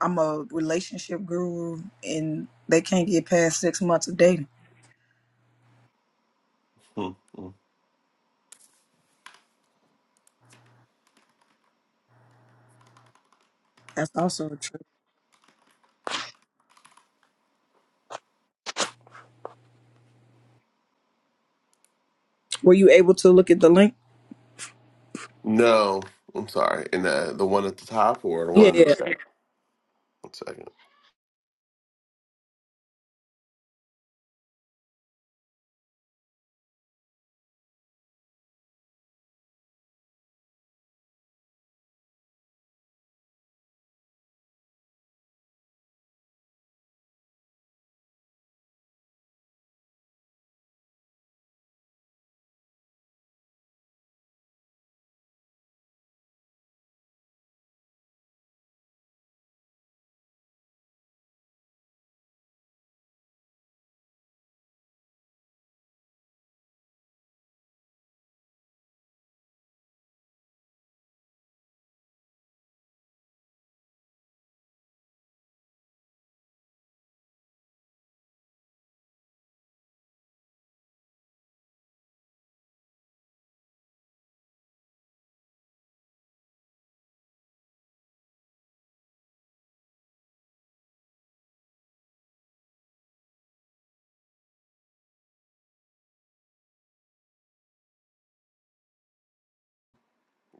S1: I'm a relationship guru and they can't get past six months of dating.
S5: Hmm. Hmm.
S1: That's also a truth. Were you able to look at the link?
S5: No, I'm sorry. And uh, the one at the top or the
S1: Yeah,
S5: one in the second? One second.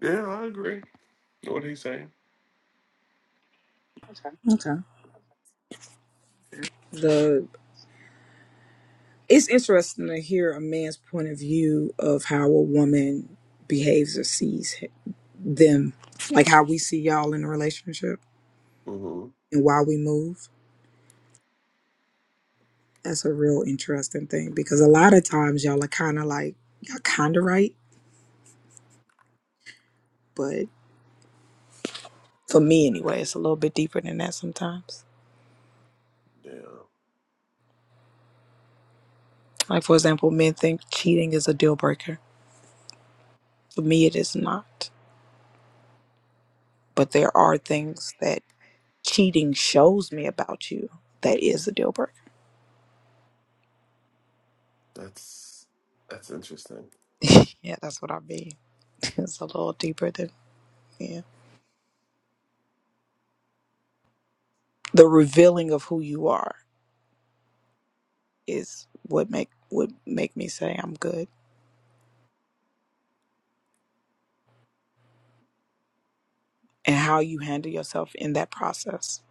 S5: Yeah, I agree. Know what he's saying?
S1: yeah. Okay. The It's interesting to hear a man's point of view of how a woman behaves or sees h- them, like how we see y'all in a relationship
S5: hmm
S1: and why we move. That's a real interesting thing because a lot of times y'all are kind of like, y'all kind of right, but for me anyway, it's a little bit deeper than that sometimes.
S5: Yeah,
S1: Like, for example, men think cheating is a deal breaker. For me, it is not. But there are things that cheating shows me about you that is a deal breaker.
S5: that's that's interesting.
S1: (laughs) yeah, that's what I mean. It's a little deeper than yeah. The revealing of who you are is what make would make me say I'm good, and how you handle yourself in that process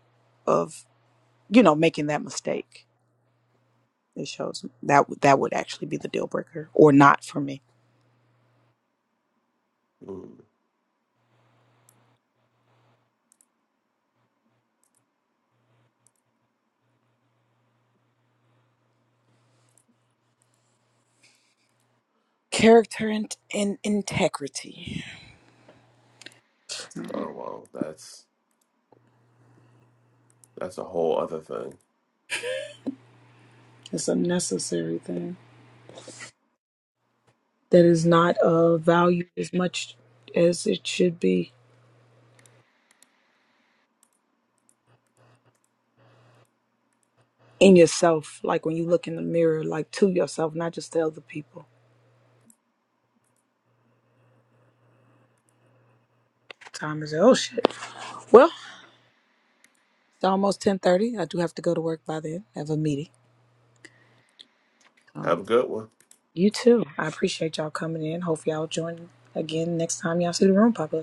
S1: of you know making that mistake. It shows that would- that would actually be the deal breaker or not for me.
S5: Mm.
S1: Character and, and integrity.
S5: Oh wow, that's That's a whole other thing.
S1: It's a necessary thing that is not uh, valued as much as it should be in yourself. Like when you look in the mirror, like to yourself, not just to other people Time is oh shit. Well, it's almost ten thirty. I do have to go to work by then. I have a meeting. So
S5: Have a good one.
S1: you too. I appreciate y'all coming in. Hope y'all join again next time y'all see the room pop up.